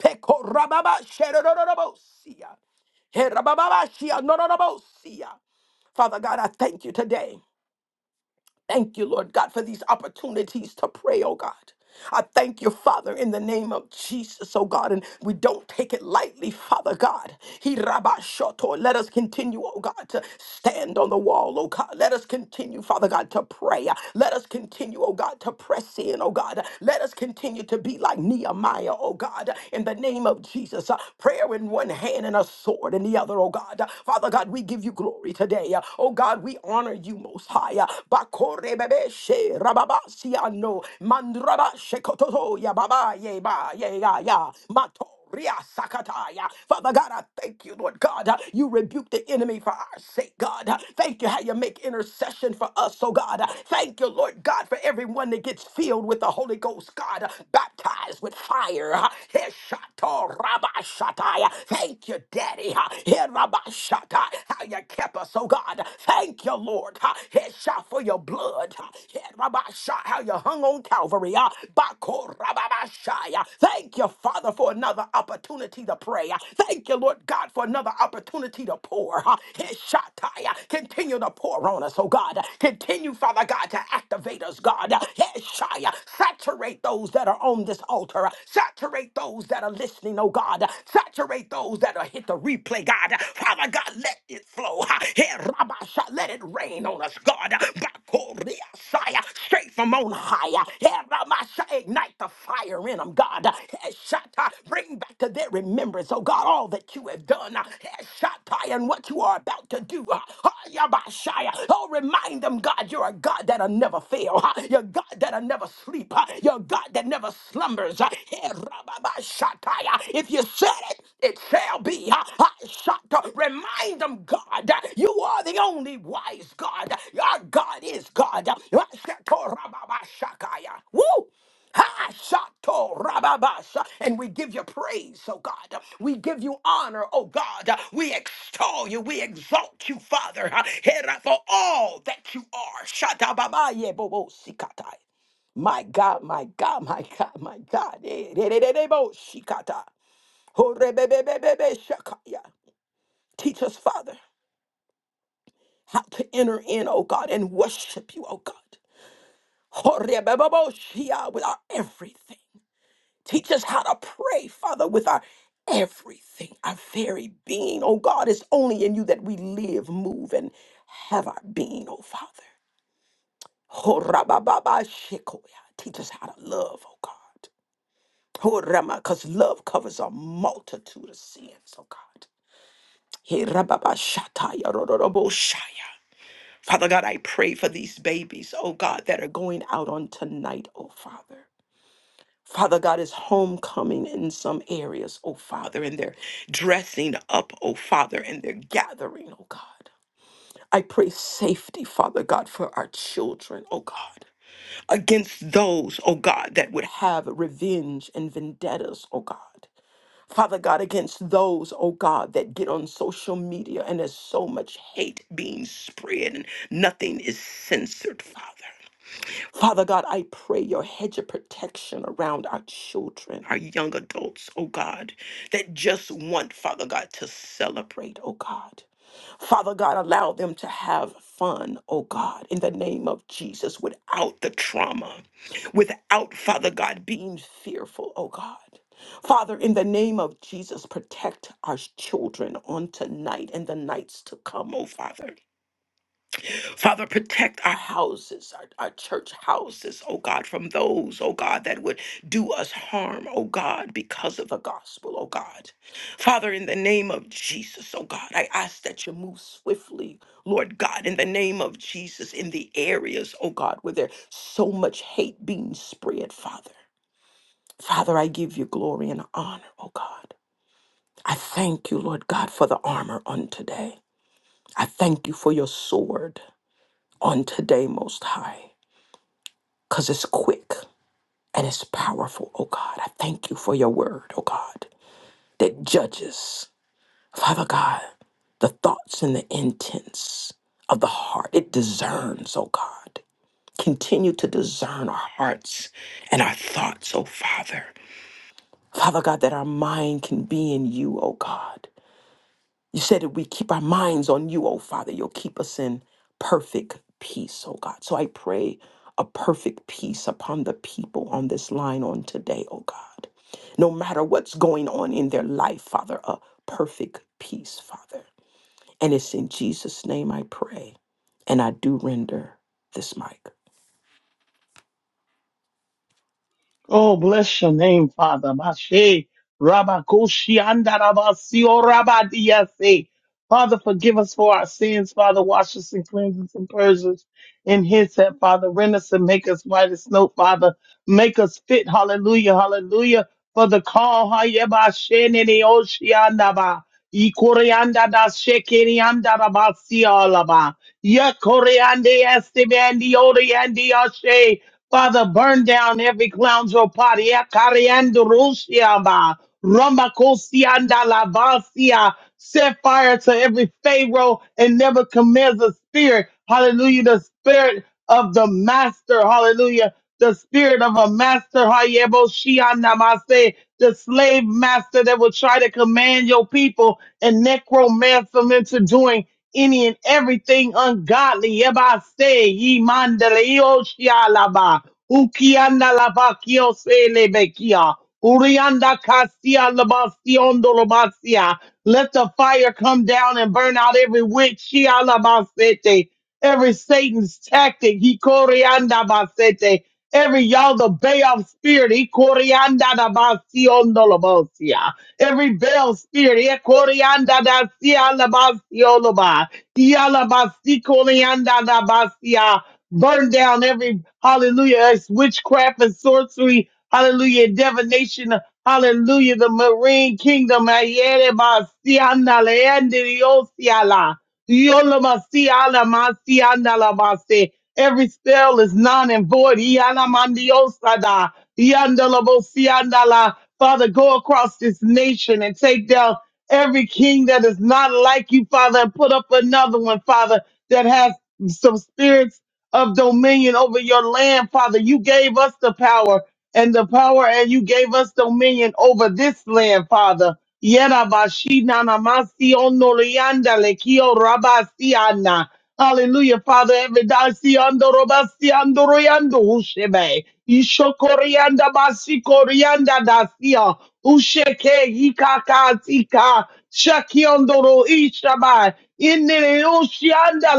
Pekorababa sherororobosia. Herababashia, nororobosia. Father God, I thank you today. Thank you, Lord God, for these opportunities to pray, oh God. I thank you, Father, in the name of Jesus, oh God, and we don't take it lightly, Father God. He rabashoto. Let us continue, oh God, to stand on the wall, oh God. Let us continue, Father God, to pray. Let us continue, oh God, to press in, oh God. Let us continue to be like Nehemiah, oh God, in the name of Jesus. Uh, Prayer in one hand and a sword in the other, oh God. Father God, we give you glory today. Oh God, we honor you most high. Bakorebebe she rababasiano mandraba shekototo ya baba ye ba ye ya ya mato. Ria Sakataya. Father God, I thank you, Lord God. uh, You rebuke the enemy for our sake, God. Uh, Thank you how you make intercession for us, oh God. Uh, Thank you, Lord God, for everyone that gets filled with the Holy Ghost, God, uh, baptized with fire. uh, Heshato Rabba Thank you, Daddy. uh, Herabashata, How you kept us, oh God. Thank you, Lord. Ha, Hesha for your blood. Ha, Herabasha, How you hung on Calvary. Ah, Bakorababashaya. Thank you, Father, for another opportunity to pray. Ah, Thank you, Lord God, for another opportunity to pour. Ah, Heshataya. Continue to pour on us, oh God. Continue, Father God, to activate us, God. Heshaya. Saturate those that are on this altar. Saturate those that are listening, oh God. God. Saturate those that are hit the replay, God. Father God, let it flow. Here, Rabba, sha- Let it rain on us, God. Bakoria, Saya, Straight from on high. Here, Rabba, sha- Ignite the fire in them, God. Here, Shatta, Bring back to their remembrance, oh God, all that you have done. Here, Shatta, And what you are about to do. Hayabashaya. Oh, remind them, God, you're a God that'll never fail. You're a God that'll never sleep. You're a God that never slumbers numbers. Uh, eh, rababashataya. If you said it, it shall be. Uh, uh, shata. Remind them, God, uh, you are the only wise God. Your God is God. Uh, shato rababashakaya. Woo! Ha, shato, rababasha. And we give you praise, oh God. We give you honor, oh God. We extol you. We exalt you, Father. Hera, For all that you are. Shata babaye bobo sikata. My God, my God, my God, my God. Eh, de- de- de- de- bo- shikata. Ho- re- be- be- be- be- be- shakaya. Teach us, Father, how to enter in, oh God, and worship you, oh God. Ho- re- be- be- bo- shia, With our everything. Teach us how to pray, Father, with our everything, our very being, oh God. It's only in you that we live, move, and have our being, oh Father. Ho- ra- ba- ba- ba- shikoya. Teach us how to love, oh God. Oh Rama, Because love covers a multitude of sins, oh God. He rababa shataya rororobo shaya. Father God, I pray for these babies, oh God, that are going out on tonight, oh Father. Father God is homecoming in some areas, oh Father, and they're dressing up, oh Father, and they're gathering, oh God. I pray safety, Father God, for our children, oh God, against those, oh God, that would have revenge and vendettas, oh God. Father God, against those, oh God, that get on social media and there's so much hate being spread and nothing is censored, Father. Father God, I pray your hedge of protection around our children, our young adults, oh God, that just want, Father God, to celebrate, oh God. Father God, allow them to have fun, oh God, in the name of Jesus, without the trauma, without, Father God, being fearful, oh God. Father, in the name of Jesus, protect our children on tonight and the nights to come, oh Father. Father, protect our houses, our, our church houses, oh God, from those, oh God, that would do us harm, oh God, because of the gospel, oh God. Father, in the name of Jesus, oh God, I ask that you move swiftly, Lord God, in the name of Jesus, in the areas, oh God, where there's so much hate being spread, Father. Father, I give you glory and honor, oh God. I thank you, Lord God, for the armor on today. I thank you for your sword on today, Most High. because it's quick and it's powerful, oh God. I thank you for your word, oh God, that judges, Father God, the thoughts and the intents of the heart. It discerns, oh God. Continue to discern our hearts and our thoughts, oh Father. Father God, that our mind can be in you, oh God. You said if we keep our minds on you, oh Father, you'll keep us in perfect peace, oh God. So I pray a perfect peace upon the people on this line on today, oh God. No matter what's going on in their life, Father, a perfect peace, Father. And it's in Jesus' name I pray. And I do render this mic. Oh, bless your name, Father. Mashe, Rabakoshi, Andarabasio, Rabadiase. Father, forgive us for our sins. Father, wash us and cleanse us and purge us in His that, Father. Rend us and make us white as snow, Father. Make us fit. Hallelujah, hallelujah. For the call, Hayebasheneoshiandaba. Ikoreanda da shekerianda da basialaba. Yakoreande estebandi oriandi ashe. Father, burn down every clownzo paria cariando rusiaba. Rombacosianda lavasia. Set fire to every Pharaoh and Nebuchadnezzar spirit. Hallelujah. The spirit of the master. Hallelujah. The spirit of a master. Hayebo shianda mase. The slave master that will try to command your people and necromancer them into doing any and everything ungodly. Yeba se, ye mandale yo shialaba. Ukianda lava, kio se lebekia. Urianda kasia labasiondo labasia. Let the fire come down and burn out every witch. Shialabasete. Every Satan's tactic. He corianda basete. Every y'all the bay of spirit. He corianda labasiondo labosia every veil spirit. Ekorianda da sia la ba si korianda da ba Burn down every hallelujah, it's witchcraft and sorcery, hallelujah, divination, hallelujah, the marine kingdom. Ayere basianda sia le ende dio Yolamasi, alamasi, analabase. Every spell is non and void. Yanamandiosada, yandalabosi, andala. Father, go across this nation and take down every king that is not like you, Father, and put up another one, Father, that has some spirits of dominion over your land, Father. You gave us the power and the power, and you gave us dominion over this land, Father. Yerabashinanamasiondoliandalekiorabastiana. Hallelujah, Father. Every day, Ushebe, Ishokorianda Basikorianda Dasia, Usheke, Ikakatika, Shakiondoro Ishabai, Inne Ushianda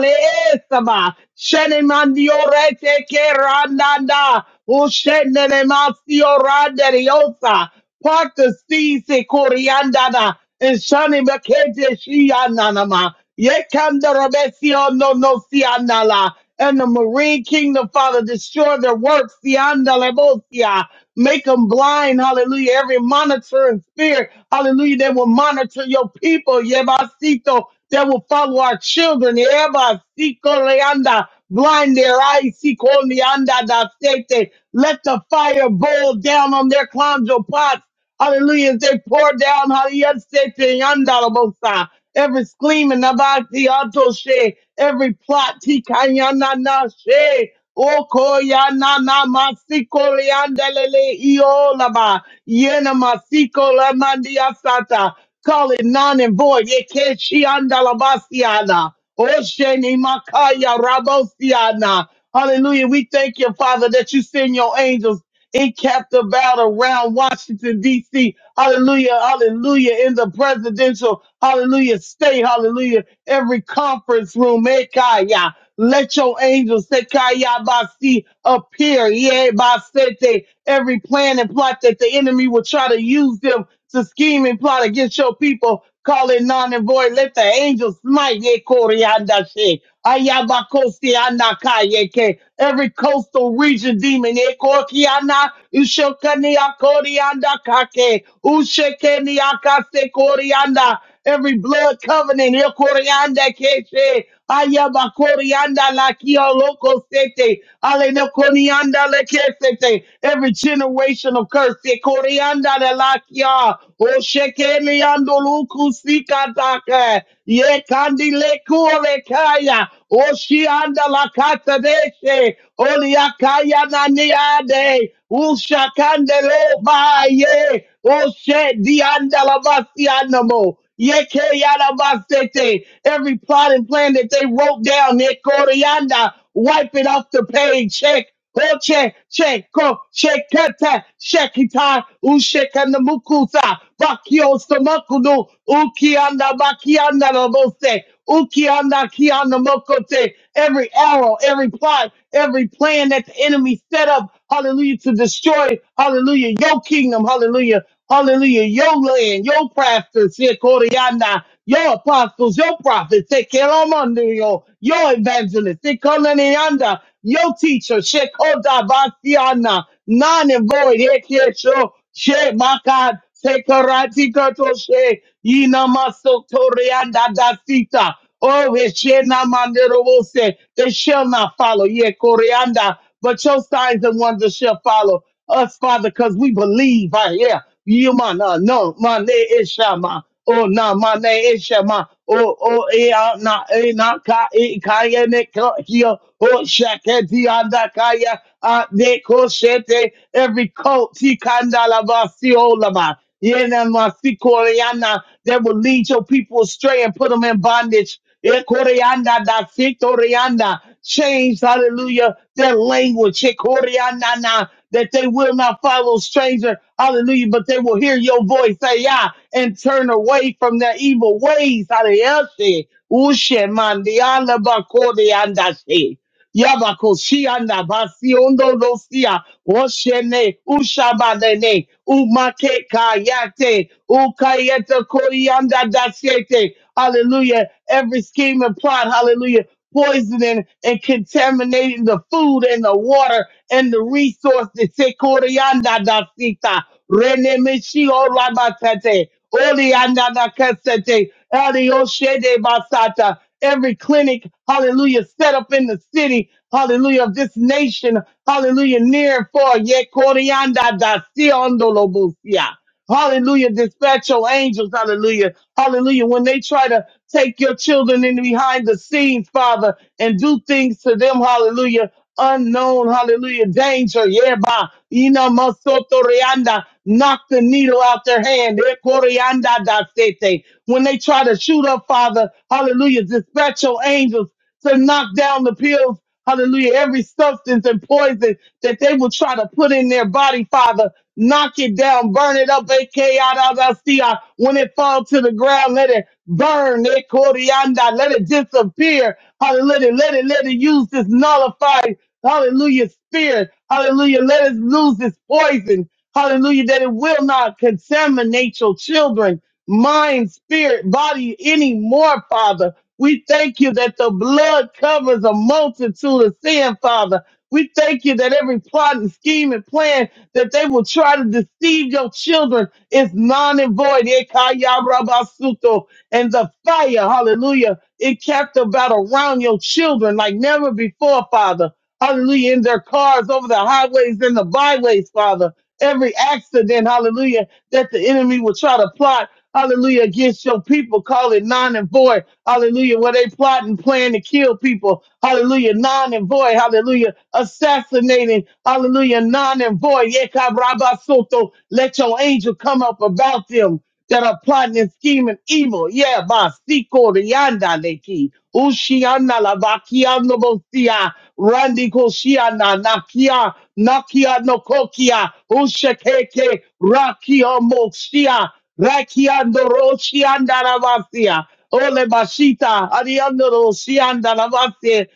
Leesaba, Shenemandiorete Kerandanda. Ushenenemasio randeriosa. Part the sea se coriandana. And shani mekete shiananama. Yekandarabesio no no sianala. And the Marine Kingdom, Father, destroy their works, siandalebosia. Make them blind, hallelujah. Every monitoring spirit, hallelujah, that will monitor your people, yebasito, that will follow our children, yebasito leanda blind their eyes. See, call me under the state. Let the fire boil down on their clandro pots. Hallelujah. As They pour down. Hallelujah. sete, yanda, la, bosa. Every scheme in the body, she. Every plot, tika, yana, na, she. Oko, na, masiko, liandelele, iolaba. Yena, masiko, la, mandiasata. Call it non and void. Yekeshi andalabasiana. Osheni makaya rabosiana. Hallelujah. We thank you, Father, that you send your angels in captive battle around Washington, D.C. Hallelujah, hallelujah, in the presidential, hallelujah, state, hallelujah, every conference room, Ekaya. Let your angels, Sekaya Basi, appear, yeah, Basete, every plan and plot that the enemy will try to use them to scheme and plot against your people. Call it non and void. Let the angels smite, yeah, Koryanda Ayabakostiana kayeke. Every coastal region demon, ekokiana, ushokania korianda kake, ushekenia kase korianda. Every blood covenant, ekorianda keche. Ayabakorianda lakio loko sete. Alenokonianda lekesete. Every generational curse, ekorianda lakia. Oshekeniando luku sikatake. Ye candile cure kaya. Oshianda la katadeshe. Oliakaya naniade. Usha candelo baye. Oshe dianda la basianamo. Yeke yada basete. Every plot and plan that they wrote down, Nekorianda, wipe it off the page. Check. Oche, Cheko, Shekete, Shekita, Ushekanda Mukusa, Bakio Samakunu, Ukianda Bakianda Labose, Ukianda Kianda Mokote, every arrow, every plot, every plan that the enemy set up, hallelujah, to destroy, hallelujah, your kingdom, hallelujah. Hallelujah. Your land, your pastors, your Koryana, your apostles, your prophets, take care of them, your your evangelists, they call on the under, your teachers. Shekoda Basiana, non and void, Hekesho, She Makat, Sekarati Kato She, Yina Maso Torianda Dasita, Oh, Heshena Manderobose, they shall not follow, Ye Koryanda but your signs and wonders shall follow us, Father, because we believe right here. You man, uh, no, my name is Shama. Oh, no, my name is Shama. Oh, oh, eh, ah, na, eh, na, ka, eh, kaya, ne, ka, here. Oh, shaka, di, anda, kaya, ah, de, ko, shete, every cult, ti, kandala, ba, si, olama. Yeah, na, ma, si, koreana, that will lead your people astray and put them in bondage. Ekorianda da Sitorianda. Change, hallelujah, their language. Ekorianda na, That they will not follow stranger, hallelujah, but they will hear your voice, say, yeah, and turn away from their evil ways. Hallelujah. Ushe mandianda bakorianda. Yabakoshianda Basiondo Rosia Oshene Ushabadene Umake Kayate Ukayeta Koyanda Dasiete Hallelujah. Every scheme and plot, hallelujah, poisoning and contaminating the food and the water and the resources. Sekorianda Dasita Rene Mishio Rabatate Oli andana kasete, ali oshede basata. Every clinic, hallelujah, set up in the city, hallelujah, of this nation, hallelujah, near and far, yet Corianda da Sion Hallelujah. Dispatch your angels. Hallelujah. Hallelujah. When they try to take your children in behind the scenes, Father, and do things to them. Hallelujah. Unknown. Hallelujah. Danger. Yeah, ba. Ina masoto reanda. Knock the needle out their hand. Eh, corianda da sete. When they try to shoot up, Father, hallelujah. Dispatch your angels to knock down the pills. Hallelujah. Every substance and poison that they will try to put in their body, Father, knock it down, burn it up. AKA out of see When it falls to the ground, let it burn. eh, corianda, Let it disappear. Hallelujah. Let it, let it use this nullified, hallelujah, spirit. Hallelujah. Let it lose its poison. Hallelujah. That it will not contaminate your children, mind, spirit, body anymore, Father. We thank you that the blood covers a multitude of sin, Father. We thank you that every plot and scheme and plan that they will try to deceive your children is non and void. Ekayarabasuto. And the fire, hallelujah, it kept about around your children like never before, Father. Hallelujah, in their cars, over the highways and the byways, Father every accident, hallelujah, that the enemy will try to plot, hallelujah, against your people, call it non and void, hallelujah, where they plot and plan to kill people, hallelujah, non and void, hallelujah, assassinating, hallelujah, non and void, Yekabrabasoto. let your angel come up about them, that are plotting and scheming evil. Yeah, ba siko rianda neki. Ushiana la bakiano bosia. Randi koshiana nakia nakia no kokia. Ushekeke rakio moshia. Rakiando roshianda la basia. Ole bashita ariando roshianda la basia.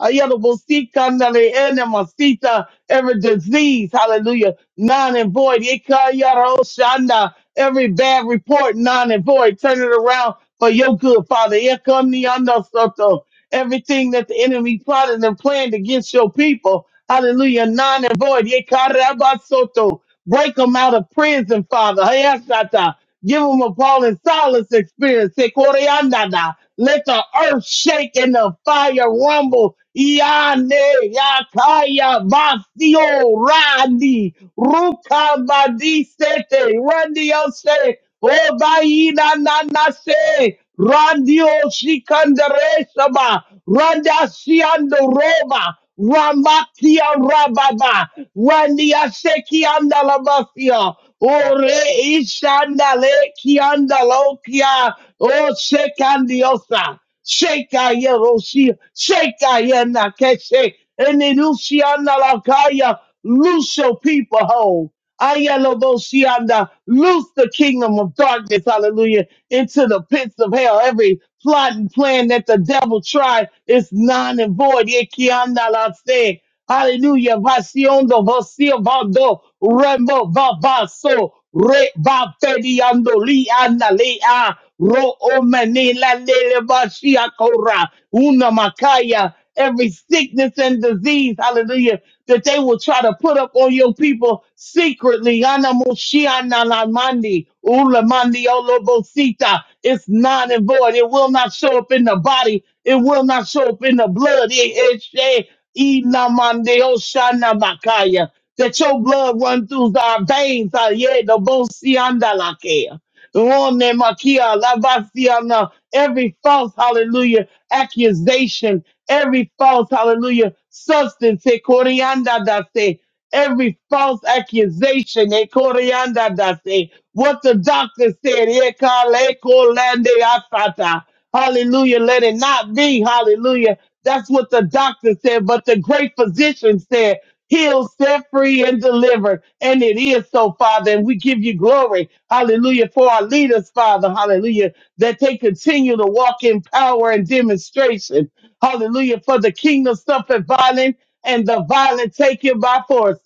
Ayelabosika, nale, enemasita, Every disease, hallelujah, non and void. Ikayaroshanda, Every bad report, non and void. Turn it around for your good, Father. Ikaniandasoto, Everything that the enemy plotted and planned against your people, hallelujah, non and void. Ikarabasoto, Break them out of prison, Father. Give them a Paul and Silas experience. Sekoriandana. Let the earth shake and the fire rumble. Yane yakaya basio randi rukabadi sete randio se obaina nana se randio shikandere saba randa shiando roba Ramakia Rababa, Randia Sekianda Labasia, Ore Ishanda Lekianda Lokia, O Sekandiosa, Sheka Yerosia, Sheka Yenakeshe, and Luciana Lakaya, loose your people whole. Ayaloboshianda, loose the kingdom of darkness, hallelujah, into the pits of hell. Every plot and plan that the devil tried is non and void. Yekianda la se. Hallelujah. Vasiondo, vasio vando, rembo, vavaso, re, vapediando, lianda, lea, ro, omeni, la, lele, vashia, cora, una, macaya every sickness and disease, hallelujah, that they will try to put up on your people secretly. Anamoshianalamandi, ulamandi olobosita. It's non and void. It will not show up in the body. It will not show up in the blood. Eh, eh, she, inamande oshanabakaya. That your blood run through our veins. Ah, yeah, the bosiandalakea. Rone makia, lavasiana, Every false, hallelujah, accusation, every false, hallelujah, substance, eh, corianda dase, every false accusation, eh, corianda dase, what the doctor said, eh, kale kolande asata. hallelujah, let it not be, hallelujah. That's what the doctor said, but the great physician said healed, set free, and delivered. And it is so, Father. And we give you glory. Hallelujah. For our leaders, Father. Hallelujah. That they continue to walk in power and demonstration. Hallelujah. For the kingdom suffered violence and the violent take it by force.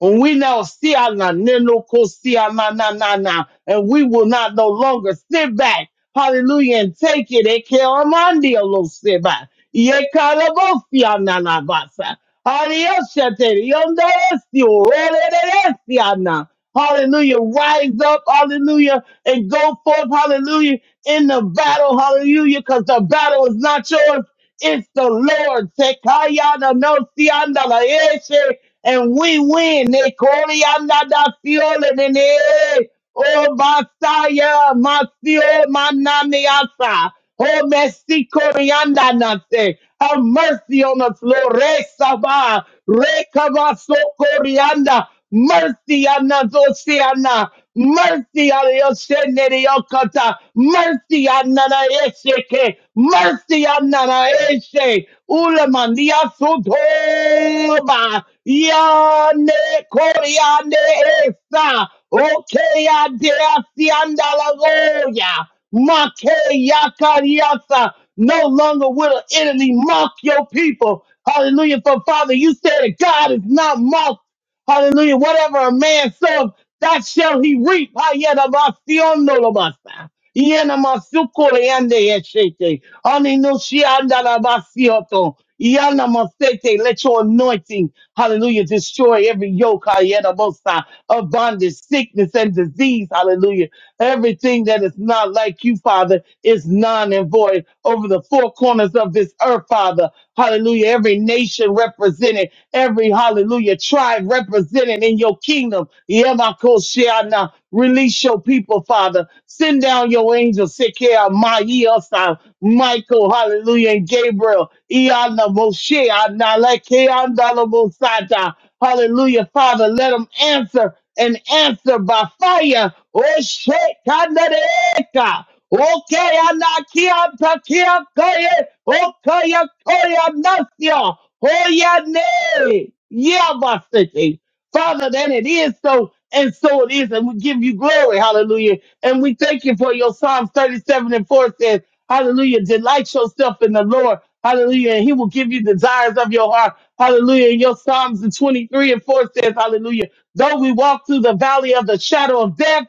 When we now see our na- neno ko see our na na na na, and we will not no longer sit back. Hallelujah. And take it. Eke amandi alo back. Yekalabofia nanabasa. Arioshateri, yondoresio, rererererereana. Hallelujah. Rise up. Hallelujah. And go forth. Hallelujah. In the battle. Hallelujah. Because the battle is not yours. It's the Lord. Sekayana no sianda la eshe. And we win. Nekoriana da fiole nene. Oh, Masaya, Masio, Mananiasa. Oh, Messi, Corianda, Nase. Have mercy on us, Lord. Resaba, Rekabaso, Corianda. Mercy, Anna, Zosiana. Mercy, Anna, Yoshenere, Yokata. Mercy, on nana Esheke. Mercy, on nana Eshe. Ulamandia, Sutoba. Yane, Coriande, Esa. Okay, Adesi Andalagoya. Make Yakariasa. No longer will an enemy mock your people. Hallelujah. For Father, you said that God is not mocked. Hallelujah. Whatever a man sows, that shall he reap. Hayadabasionolobasa. Yena masukole yande yeshete. Ani no shi anda la basioto. Yana masete. Let your anointing, hallelujah, destroy every yoke, hayena mosa, of bondage, sickness, and disease, hallelujah. Everything that is not like you, Father, is non and void over the four corners of this earth, Father. Hallelujah. Every nation represented, every hallelujah tribe represented in your kingdom. Yemakoshiana. Release your people, Father. Send down your angels, Sekeah, Maiasa, Michael, hallelujah, and Gabriel. Iana Moshe, Analekeandalabosata. Hallelujah, Father. Let them answer and answer by fire. Oh, shit, kanareka. Okay, anakia takia koye. Okay, koya nasya. Hoya ne. Yeah, my city. Father, that it is so, and so it is, and we give you glory. Hallelujah. And we thank you for your Psalms 37 and 4 says, Hallelujah. Delight yourself in the Lord. Hallelujah. And he will give you desires of your heart. Hallelujah. And your Psalms and 23 and 4 says, Hallelujah. Though we walk through the valley of the shadow of death,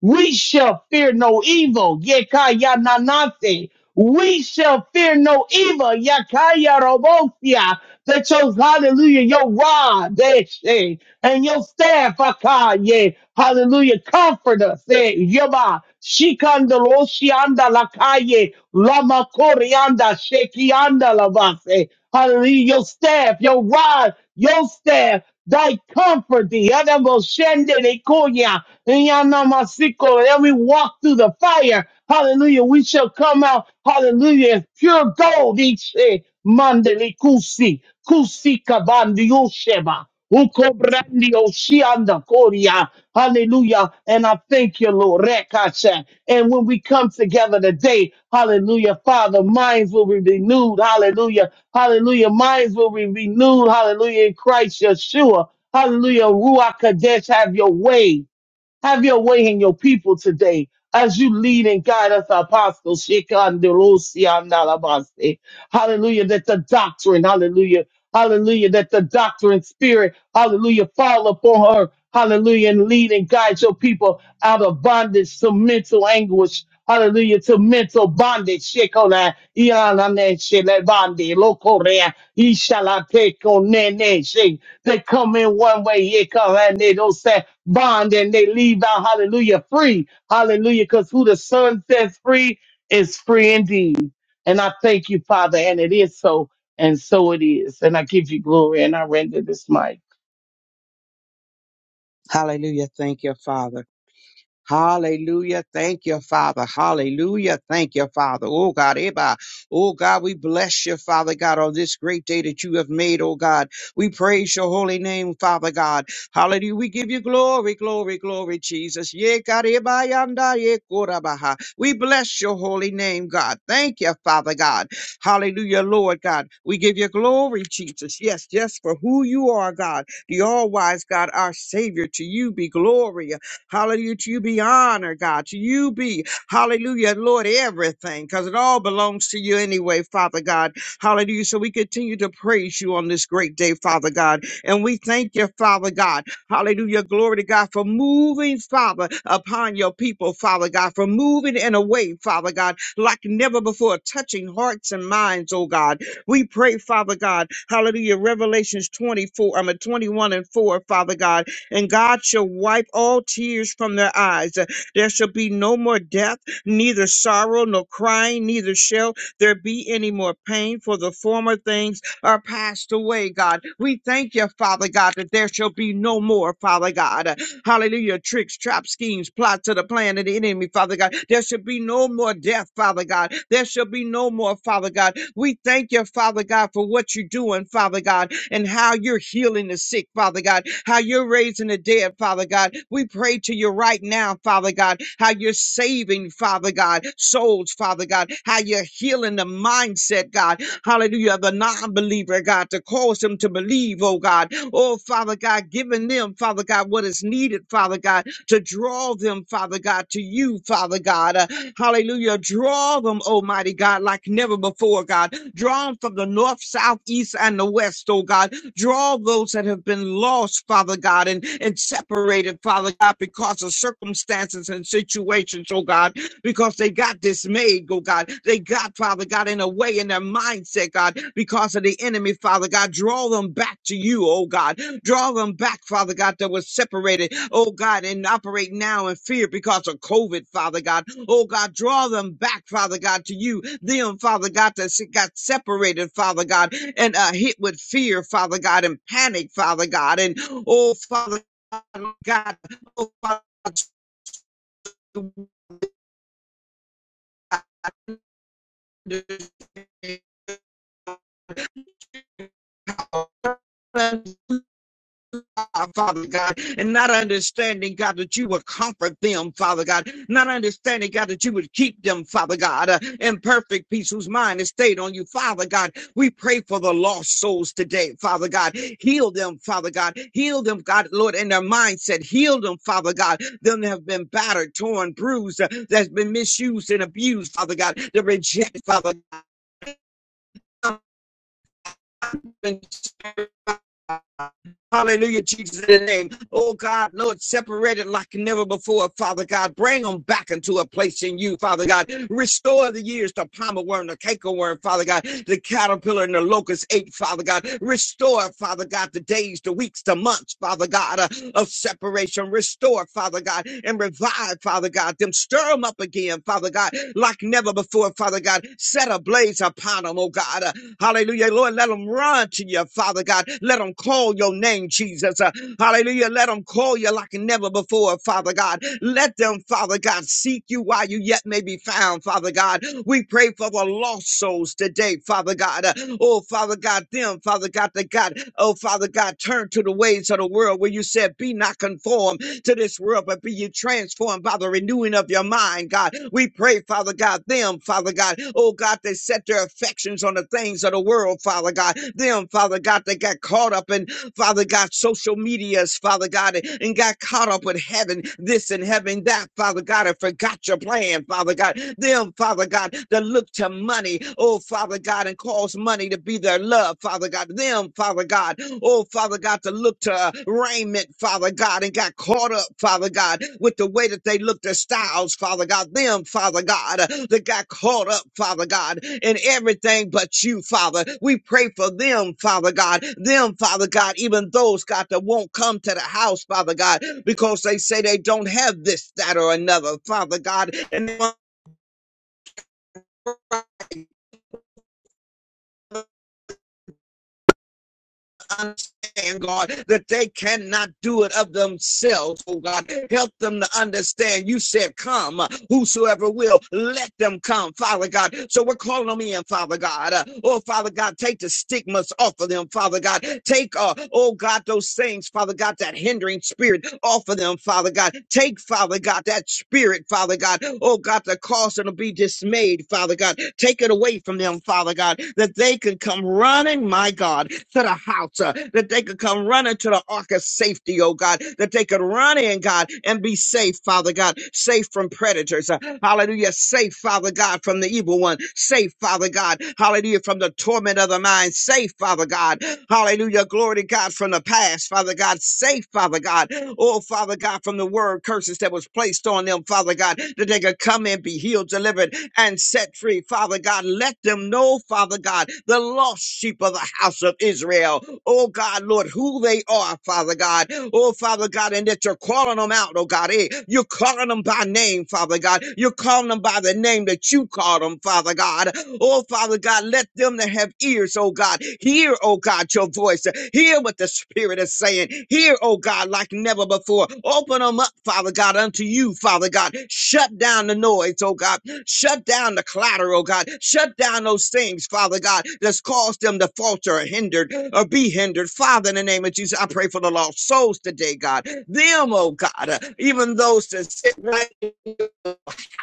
we shall fear no evil. Yekaya nanate. We shall fear no evil. Yakaya robosia. That shows, hallelujah, your rod, deshe, and your staff, akaye. Hallelujah, comfort us. eh, Yaba, shikandaloshianda lakaye, lama korianda, shekianda lavase. Hallelujah, your staff, your rod, your staff, thy comfort thee. Adamo shende de koya, yanamasiko. And we walk through the fire. Hallelujah. We shall come out, hallelujah, as pure gold. Each eh, mandeli kusi, kusi kabandi yosheba. Ukobrandio shianda koria. Hallelujah. And I thank you, Lord. Rekasha. And when we come together today, hallelujah, Father, minds will be renewed. Hallelujah. Hallelujah. Minds will be renewed. Hallelujah. In Christ Yeshua. Hallelujah. Ruach Kadesh, have your way. Have your way in your people today as you lead and guide us, Apostle Shekandelosiandalabaste. Hallelujah, that the doctrine, hallelujah, hallelujah, that the doctrine spirit, hallelujah, fall upon her, hallelujah, and lead and guide your people out of bondage to mental anguish. Hallelujah to mental bondage. Shekona, Iyanane, Shelebande, Lokorea, Ishalateko, Nene, She. They come in one way, Yekanane, bond and they leave out, hallelujah, free. Hallelujah, because who the Son sets free is free indeed. And I thank you, Father, and it is so, and so it is. And I give you glory and I render this mic. Hallelujah. Thank you, Father. Hallelujah. Thank you, Father. Hallelujah. Thank you, Father. Oh God, Eba. Oh God, we bless you, Father God, on this great day that you have made, oh God. We praise your holy name, Father God. Hallelujah. We give you glory, glory, glory, Jesus. Ye God, Eba, Yanda, Ye Korabaha. We bless your holy name, God. Thank you, Father God. Hallelujah, Lord God. We give you glory, Jesus. Yes, yes, for who you are, God, the all wise God, our Savior. To you be glory. Hallelujah. To you be honor, God. To you be, hallelujah, Lord, everything, because it all belongs to you anyway, Father God. Hallelujah. So we continue to praise you on this great day, Father God. And we thank you, Father God. Hallelujah. Glory to God for moving, Father, upon your people, Father God, for moving in a way, Father God, like never before, touching hearts and minds, oh God. We pray, Father God. Hallelujah. Revelations 24, I mean 21 and 4, Father God and God shall wipe all tears from their eyes. There shall be no more death, neither sorrow nor crying, neither shall there be any more pain, for the former things are passed away, God. We thank you, Father God, that there shall be no more, Father God. Hallelujah. Tricks, traps, schemes, plots of the plan of the enemy, Father God. There shall be no more death, Father God. There shall be no more, Father God. We thank you, Father God, for what you're doing, Father God and how you're healing the sick, Father God, how you're raising the dead, Father God. We pray to you right now, Father God, how you're saving, Father God, souls, Father God, how you're healing the mindset, God, hallelujah, of the non believer, God, to cause them to believe, oh God. Oh, Father God, giving them, Father God, what is needed, Father God, to draw them, Father God, to you, Father God. Uh, hallelujah. Draw them, Almighty God, like never before, God. Draw them from the north, south, east, and the west, oh God. Draw those that have been lost, Father God, and, and separated, Father God, because of circumstances and situations, oh God because they got dismayed, oh God. They got, Father God, in a way in their mindset, God, because of the enemy, Father God. Draw them back to you, oh God. Draw them back, Father God, that was separated, oh God, and operate now in fear because of COVID, Father God. Oh God, draw them back, Father God, to you. Them, Father God, that se- got separated, Father God, and uh, hit with fear, Father God, and panic, Father God. And oh, Father God, oh, Father God, Father God, and not understanding, God, that you would comfort them, Father God, not understanding, God, that you would keep them, Father God, uh, in perfect peace, whose mind is stayed on you, Father God. We pray for the lost souls today, Father God. Heal them, Father God. Heal them, God, Lord, in their mindset. Heal them, Father God. Them that have been battered, torn, bruised, uh, that's been misused and abused, Father God, the rejected, Father God. Hallelujah, Jesus, in the name. Oh God, Lord, separate it like never before, Father God. Bring them back into a place in you, Father God. Restore the years, the palmer worm, the canker worm, Father God, the caterpillar and the locust ate, Father God. Restore, Father God, the days, the weeks, the months, Father God, uh, of separation. Restore, Father God, and revive, Father God, them. Stir them up again, Father God, like never before, Father God. Set a blaze upon them, oh God. Uh, hallelujah, Lord. Let them run to you, Father God. Let them call your your name, Jesus. Uh, hallelujah. Let them call you like never before, Father God. Let them, Father God, seek you while you yet may be found, Father God. We pray for the lost souls today, Father God. Uh, oh, Father God, them, Father God, that God, oh, Father God, turn to the ways of the world where you said, be not conformed to this world, but be you transformed by the renewing of your mind, God. We pray, Father God, them, Father God, oh God, they set their affections on the things of the world, Father God. Them, Father God, they got caught up in Father God, social medias, Father God, and and got caught up with heaven, this and heaven, that, Father God, and forgot your plan, Father God. Them, Father God, that look to money, oh, Father God, and cause money to be their love, Father God. Them, Father God, oh, Father God, to look to uh, raiment, Father God, and got caught up, Father God, with the way that they look, their styles, Father God, them, Father God, uh, that got caught up, Father God, in everything but you, Father. We pray for them, Father God, them, Father God, even those, God, that won't come to the house, Father God, because they say they don't have this, that, or another, Father God, and they want understand, God, that they cannot do it of themselves, oh God. Help them to understand. You said, Come, uh, whosoever will, let them come, Father God. So we're calling them in, Father God. Uh, Oh, Father God, take the stigmas off of them, Father God. Take, uh, oh God, those things, Father God, that hindering spirit off of them, Father God. Take, Father God, that spirit, Father God. Oh God, that cause them to be dismayed, Father God. Take it away from them, Father God, that they can come running, my God, to the house, uh, that they could come running to the ark of safety, oh God, that they could run in, God, and be safe, Father God, safe from predators. uh, hallelujah. Safe, Father God, from the evil one. Safe, Father God. Hallelujah. From the torment of the mind. Safe, Father God. Hallelujah. Glory to God from the past, Father God. Safe, Father God. Oh, Father God, from the word curses that was placed on them, Father God, that they could come and be healed, delivered, and set free. Father God, let them know, Father God, the lost sheep of the house of Israel. Oh God, Lord, who they are, Father God. Oh Father God, and that you're calling them out, oh God. Hey, you're calling them by name, Father God. You're calling them by the name that you call them, Father God. Oh Father God, let them that have have ears, oh God. Hear, oh God, your voice. Hear what the Spirit is saying. Hear, oh God, like never before. Open them up, Father God, unto you, Father God. Shut down the noise, oh God. Shut down the clatter, oh God. Shut down those things, Father God, that's caused them to falter or hindered or be hindered. Father, in the name of Jesus, I pray for the lost souls today, God. Them, oh God, uh, even those that sit right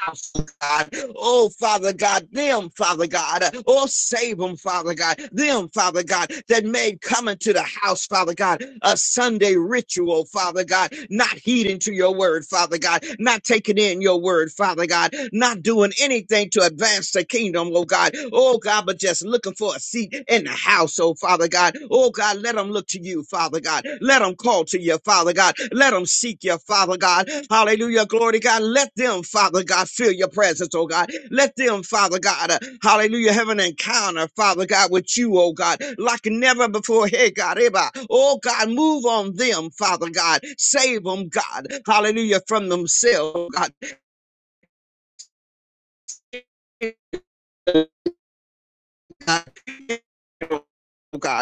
house, oh God. Oh, Father God, them, Father God. Oh, save them, Father God. Them, Father God, that made coming to the house, Father God, a Sunday ritual, Father God. Not heeding to your word, Father God. Not taking in your word, Father God. Not doing anything to advance the kingdom, oh God. Oh, God, but just looking for a seat in the house, oh Father God. Oh, God, let them look to you, Father God. Let them call to you, Father God. Let them seek you, Father God. Hallelujah, glory to God. Let them, Father God, feel your presence, oh God. Let them, Father God, uh, hallelujah, have an encounter, Father God, with you, oh God, like never before. Hey, God, Eba. oh God, move on them, Father God. Save them, God. Hallelujah, from themselves, God. Hey, God, oh God,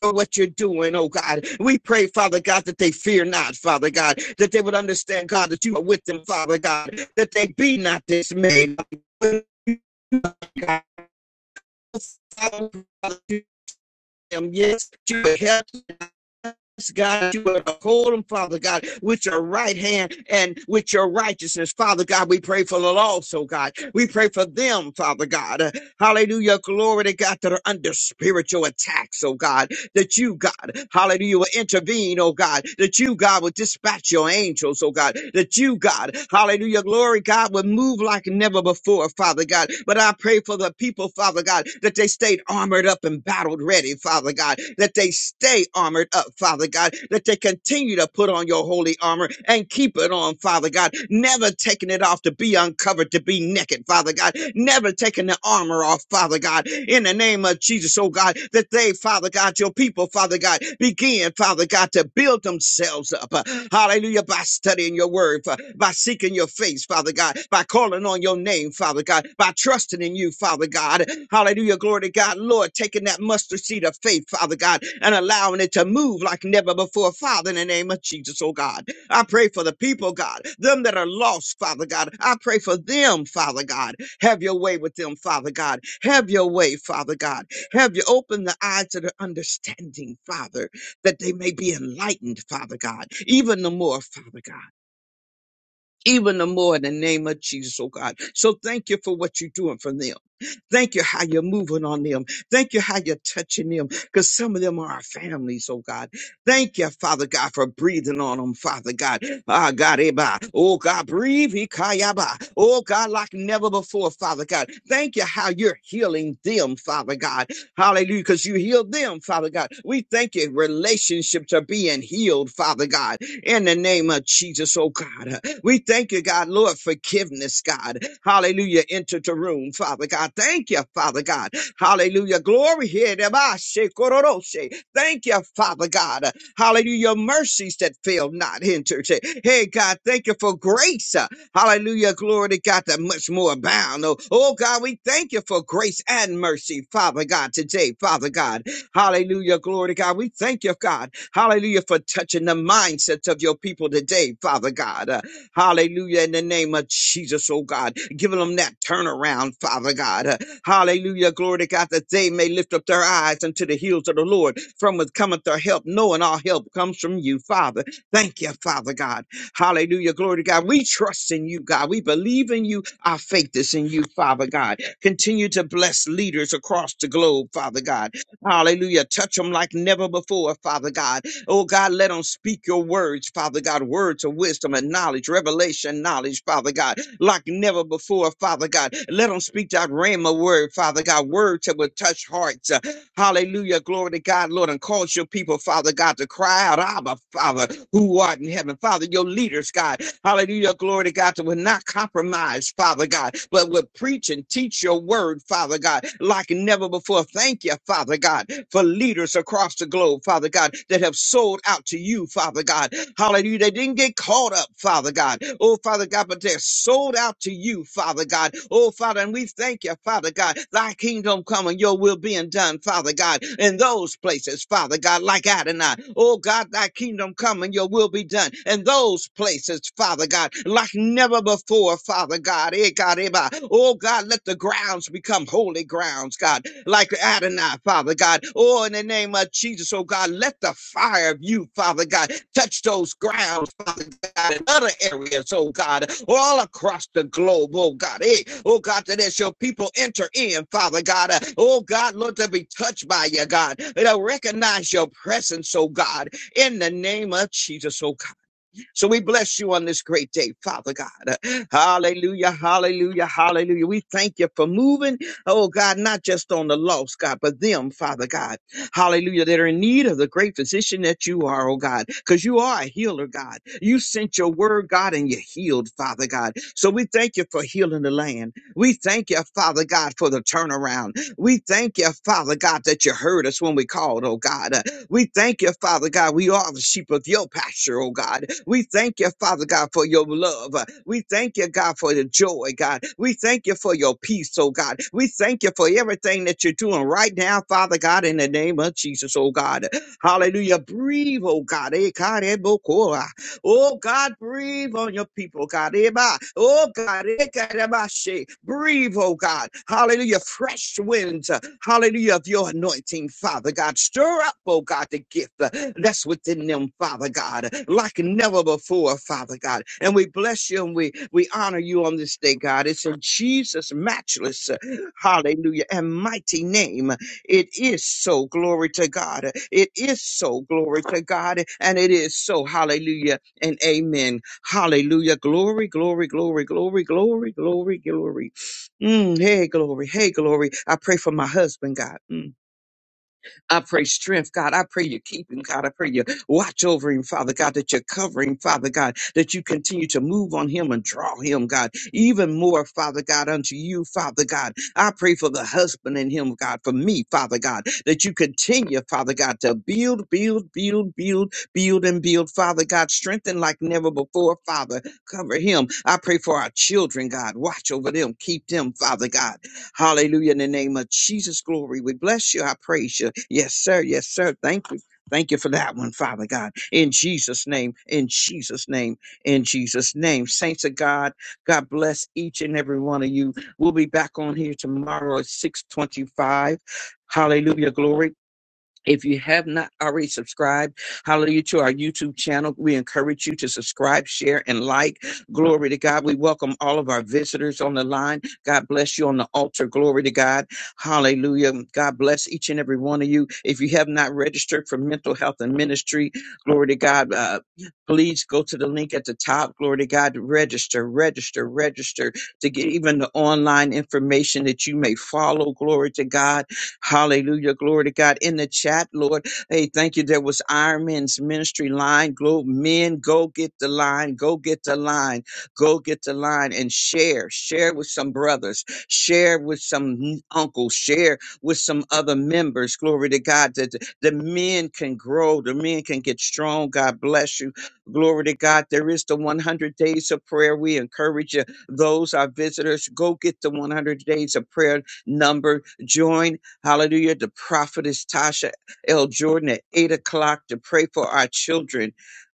for what you're doing, oh God. We pray, Father God, that they fear not, Father God, that they would understand, God, that you are with them, Father God, that they be not dismayed. God, them, Yes, you would help us, God. You would hold them, Father God, with your right hand and with your righteousness, Father God. We pray for the lost, oh God. We pray for them, Father God. Uh, Hallelujah. Glory to God that are under spiritual attacks, oh God. that you, God, hallelujah, will intervene, oh God, that you, God, will dispatch your angels, oh God, that you, God, hallelujah, glory, God, will move like never before, Father God. But I pray for the people, Father God, that they stayed armored up and battled ready, Father God, that they stay armored up, Father God, that they continue to put on your holy armor and keep it on, Father God, never taking it off to be uncovered, to be naked, Father God, God, never taking the armor off, Father God, in the name of Jesus, oh God, that they, Father God, your people, Father God, begin, Father God, to build themselves up. uh, Hallelujah. By studying your word, fa- by seeking your face, Father God, by calling on your name, Father God, by trusting in you, Father God. Hallelujah. Glory to God. Lord, taking that mustard seed of faith, Father God, and allowing it to move like never before, Father, in the name of Jesus, oh God. I pray for the people, God, them that are lost, Father God. I pray for them, Father God. Have your way with them, Father God. Have your way, Father God. Have you open the eyes to their understanding, Father, that they may be enlightened, Father God, even the more, Father God even the more in the name of Jesus, oh God. So thank you for what you're doing for them. Thank you how you're moving on them. Thank you how you're touching them because some of them are our families, oh God. Thank you, Father God, for breathing on them, Father God. Ah, God, eh, bah. oh God, breathe, eh, kaya, bah. oh God, like never before, Father God. Thank you how you're healing them, Father God. Hallelujah, because you healed them, Father God. We thank you. Relationships are being healed, Father God, in the name of Jesus, oh God. We thank you, God, Lord, forgiveness, God. Hallelujah. Enter the room, Father God. Thank you, Father God. Hallelujah. Glory here. Demashe, kororoshe. Thank you, Father God. Hallelujah. Mercies that fail not entered. Hey, God, thank you for grace. Hallelujah. Glory to God that much more abound. Oh, oh, God, we thank you for grace and mercy, Father God, today, Father God. Hallelujah. Glory to God. We thank you, God. Hallelujah, for touching the mindsets of your people today, Father God. Hallelujah. In the name of Jesus, oh God. Giving them that turnaround, Father God. Uh, Hallelujah. Glory to God that they may lift up their eyes unto the hills of the Lord. From whence cometh their help, knowing our help comes from you, Father. Thank you, Father God. Hallelujah. Glory to God. We trust in you, God. We believe in you. Our faith is in you, Father God. Continue to bless leaders across the globe, Father God. Hallelujah. Touch them like never before, Father God Oh God, let them speak your words, Father God, words of wisdom and knowledge, revelation, knowledge, Father God, like never before, Father God. Let them speak that rhema word, Father God, words that will touch hearts, uh, Hallelujah. Glory to God, Lord, and cause your people, Father God, to cry out, Abba, Father, who art in heaven. Father, your leaders, God. Hallelujah. Glory to God, that will not compromise, Father God, but will preach and teach your word, Father God, like never before. Thank you, Father God, for leaders across the globe, Father God, that have sold out to you, Father God. Hallelujah. They didn't get caught up, Father God. Oh, Father God, but they're sold out to you, Father God. God. Oh, Father, and we thank you, Father God. Thy kingdom come and your will being done, Father God, in those places, Father God, like Adonai. Oh, God, thy kingdom come and your will be done in those places, Father God, like never before, Father God. Eh, God, eh, bah. Oh, God, let the grounds become holy grounds, God, like Adonai, Father God. Oh, in the name of Jesus, oh, God, let the fire of you, Father God, touch those grounds, Father God, in other areas, oh God, all across the globe, oh God. Hey, oh God, that as your people enter in, Father God, uh, oh God, Lord, to be touched by you, God. They'll recognize your presence, oh God, in the name of Jesus, oh God. So we bless you on this great day, Father God. Hallelujah, hallelujah, hallelujah. We thank you for moving, oh God, not just on the lost, God, but them, Father God. Hallelujah, that are in need of the great physician that you are, oh God, because you are a healer, God. You sent your word, God, and you healed, Father God. So we thank you for healing the land. We thank you, Father God, for the turnaround. We thank you, Father God, that you heard us when we called, oh God. We thank you, Father God. We are the sheep of your pasture, oh God. We thank you, Father God, for your love. We thank you, God, for the joy, God. We thank you for your peace, oh God. We thank you for everything that you're doing right now, Father God, in the name of Jesus, oh God. Hallelujah. Breathe, oh God. Eh, God, eh, bo- ko- ah. Oh God, breathe on your people, God. Eba. Oh God, Ekarabashe. breathe, oh God. Hallelujah. Fresh winds, uh, hallelujah, of your anointing, Father God. Stir up, oh God, the gift uh, that's within them, Father God, like never before, Father God. And we bless you and we, we honor you on this day, God. It's in Jesus' matchless, uh, hallelujah, and mighty name. It is so. Glory to God. It is so. Glory to God. And it is so. Hallelujah and amen. Hallelujah. Glory, glory, glory, glory, glory, glory, glory. Mm, hey, glory. Hey, glory. I pray for my husband, God. Mm. I pray strength, God. I pray you keep him, God. I pray you watch over him, Father God, that you cover him, Father God, that you continue to move on him and draw him, God, even more, Father God, unto you, Father God. I pray for the husband in him, God, for me, Father God, that you continue, Father God, to build, build, build, build, build, and build, Father God, strengthen like never before, Father. Cover him. I pray for our children, God. Watch over them, keep them, Father God. Hallelujah. In the name of Jesus, glory. We bless you. I praise you. Yes, sir. Yes, sir. Thank you. Thank you for that one, Father God. In Jesus' name, in Jesus' name, in Jesus' name. Saints of God, God bless each and every one of you. We'll be back on here tomorrow at 625. Hallelujah. Glory. If you have not already subscribed, hallelujah, to our YouTube channel, we encourage you to subscribe, share, and like. Glory to God. We welcome all of our visitors on the line. God bless you on the altar. Glory to God. Hallelujah. God bless each and every one of you. If you have not registered for mental health and ministry, glory to God, uh, please go to the link at the top. Glory to God. Register, register, register to get even the online information that you may follow. Glory to God Hallelujah. Glory to God. In the chat, Lord, hey, thank you. There was Iron Man's ministry line. Go, men, go get the line. Go get the line. Go get the line and share. Share with some brothers. Share with some n- uncles. Share with some other members. Glory to God. That the the men can grow. The men can get strong. God bless you. Glory to God. There is the 100 days of prayer. We encourage you. Those are visitors. Go get the 100 days of prayer number. Join Hallelujah. The prophetess Tasha L. Jordan at 8 o'clock to pray for our children.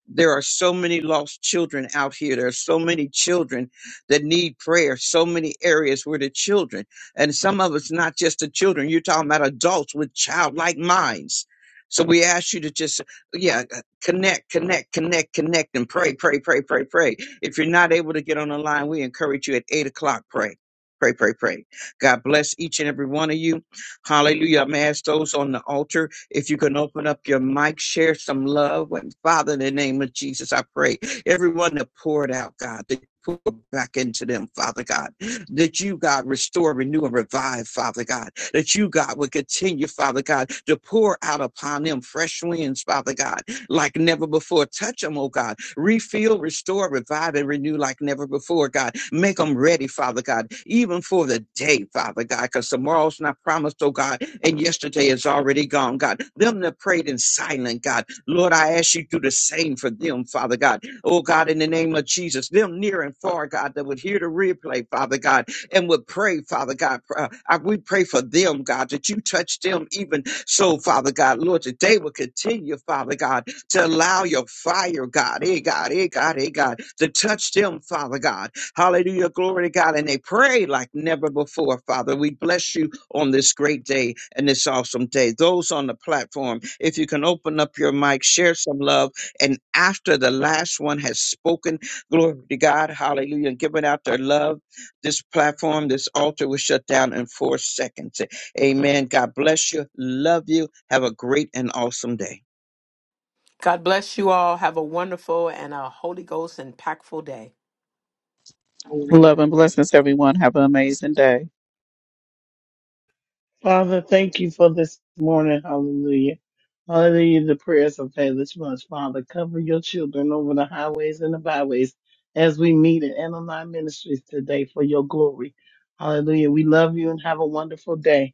There are so many lost children out here. There are so many children that need prayer, so many areas where the children, and some of it's not just the children. You're talking about adults with childlike minds. So we ask you to just, yeah, connect, connect, connect, connect, and pray, pray, pray, pray, pray. If you're not able to get on the line, we encourage you at 8 o'clock, pray, pray, pray, pray. God bless each and every one of you. Hallelujah. I'm gonna ask those on the altar if you can open up your mic, share some love. And Father, in the name of Jesus, I pray everyone that poured out, God, that you pour back into them, Father God, that you, God, restore, renew, and revive, Father God, that you, God, would continue, Father God, to pour out upon them fresh winds, Father God, like never before. Touch them, oh God refill, restore, revive, and renew like never before, God. Make them ready, Father God, even for the day, Father God, because tomorrow's not promised, oh God, and yesterday is already gone, God. Them that prayed in silent, God. Lord, I ask you to do the same for them, Father God. Oh God, in the name of Jesus, them near and far, God, that would hear the replay, Father God, and would pray, Father God. Uh, I- we pray for them, God, that you touch them even so, Father God. Lord, that they will continue, Father God, to allow your fire, God, hey God, hey God, hey God, to touch them, Father God. Hallelujah, glory to God. And they pray like never before, Father. We bless you on this great day and this awesome day. Those on the platform, if you can open up your mic, share some love. And after the last one has spoken, glory to God, hallelujah, and given out their love, this platform, this altar was shut down in four seconds. Amen. God bless you. Love you. Have a great and awesome day. God bless you all. Have a wonderful and a Holy Ghost impactful day. Love and blessings, everyone. Have an amazing day. Father, thank you for this morning, hallelujah. Hallelujah, the prayers of faithless ones. Father, cover your children over the highways and the byways as we meet at Aniline Ministries today for your glory. Hallelujah. We love you and have a wonderful day.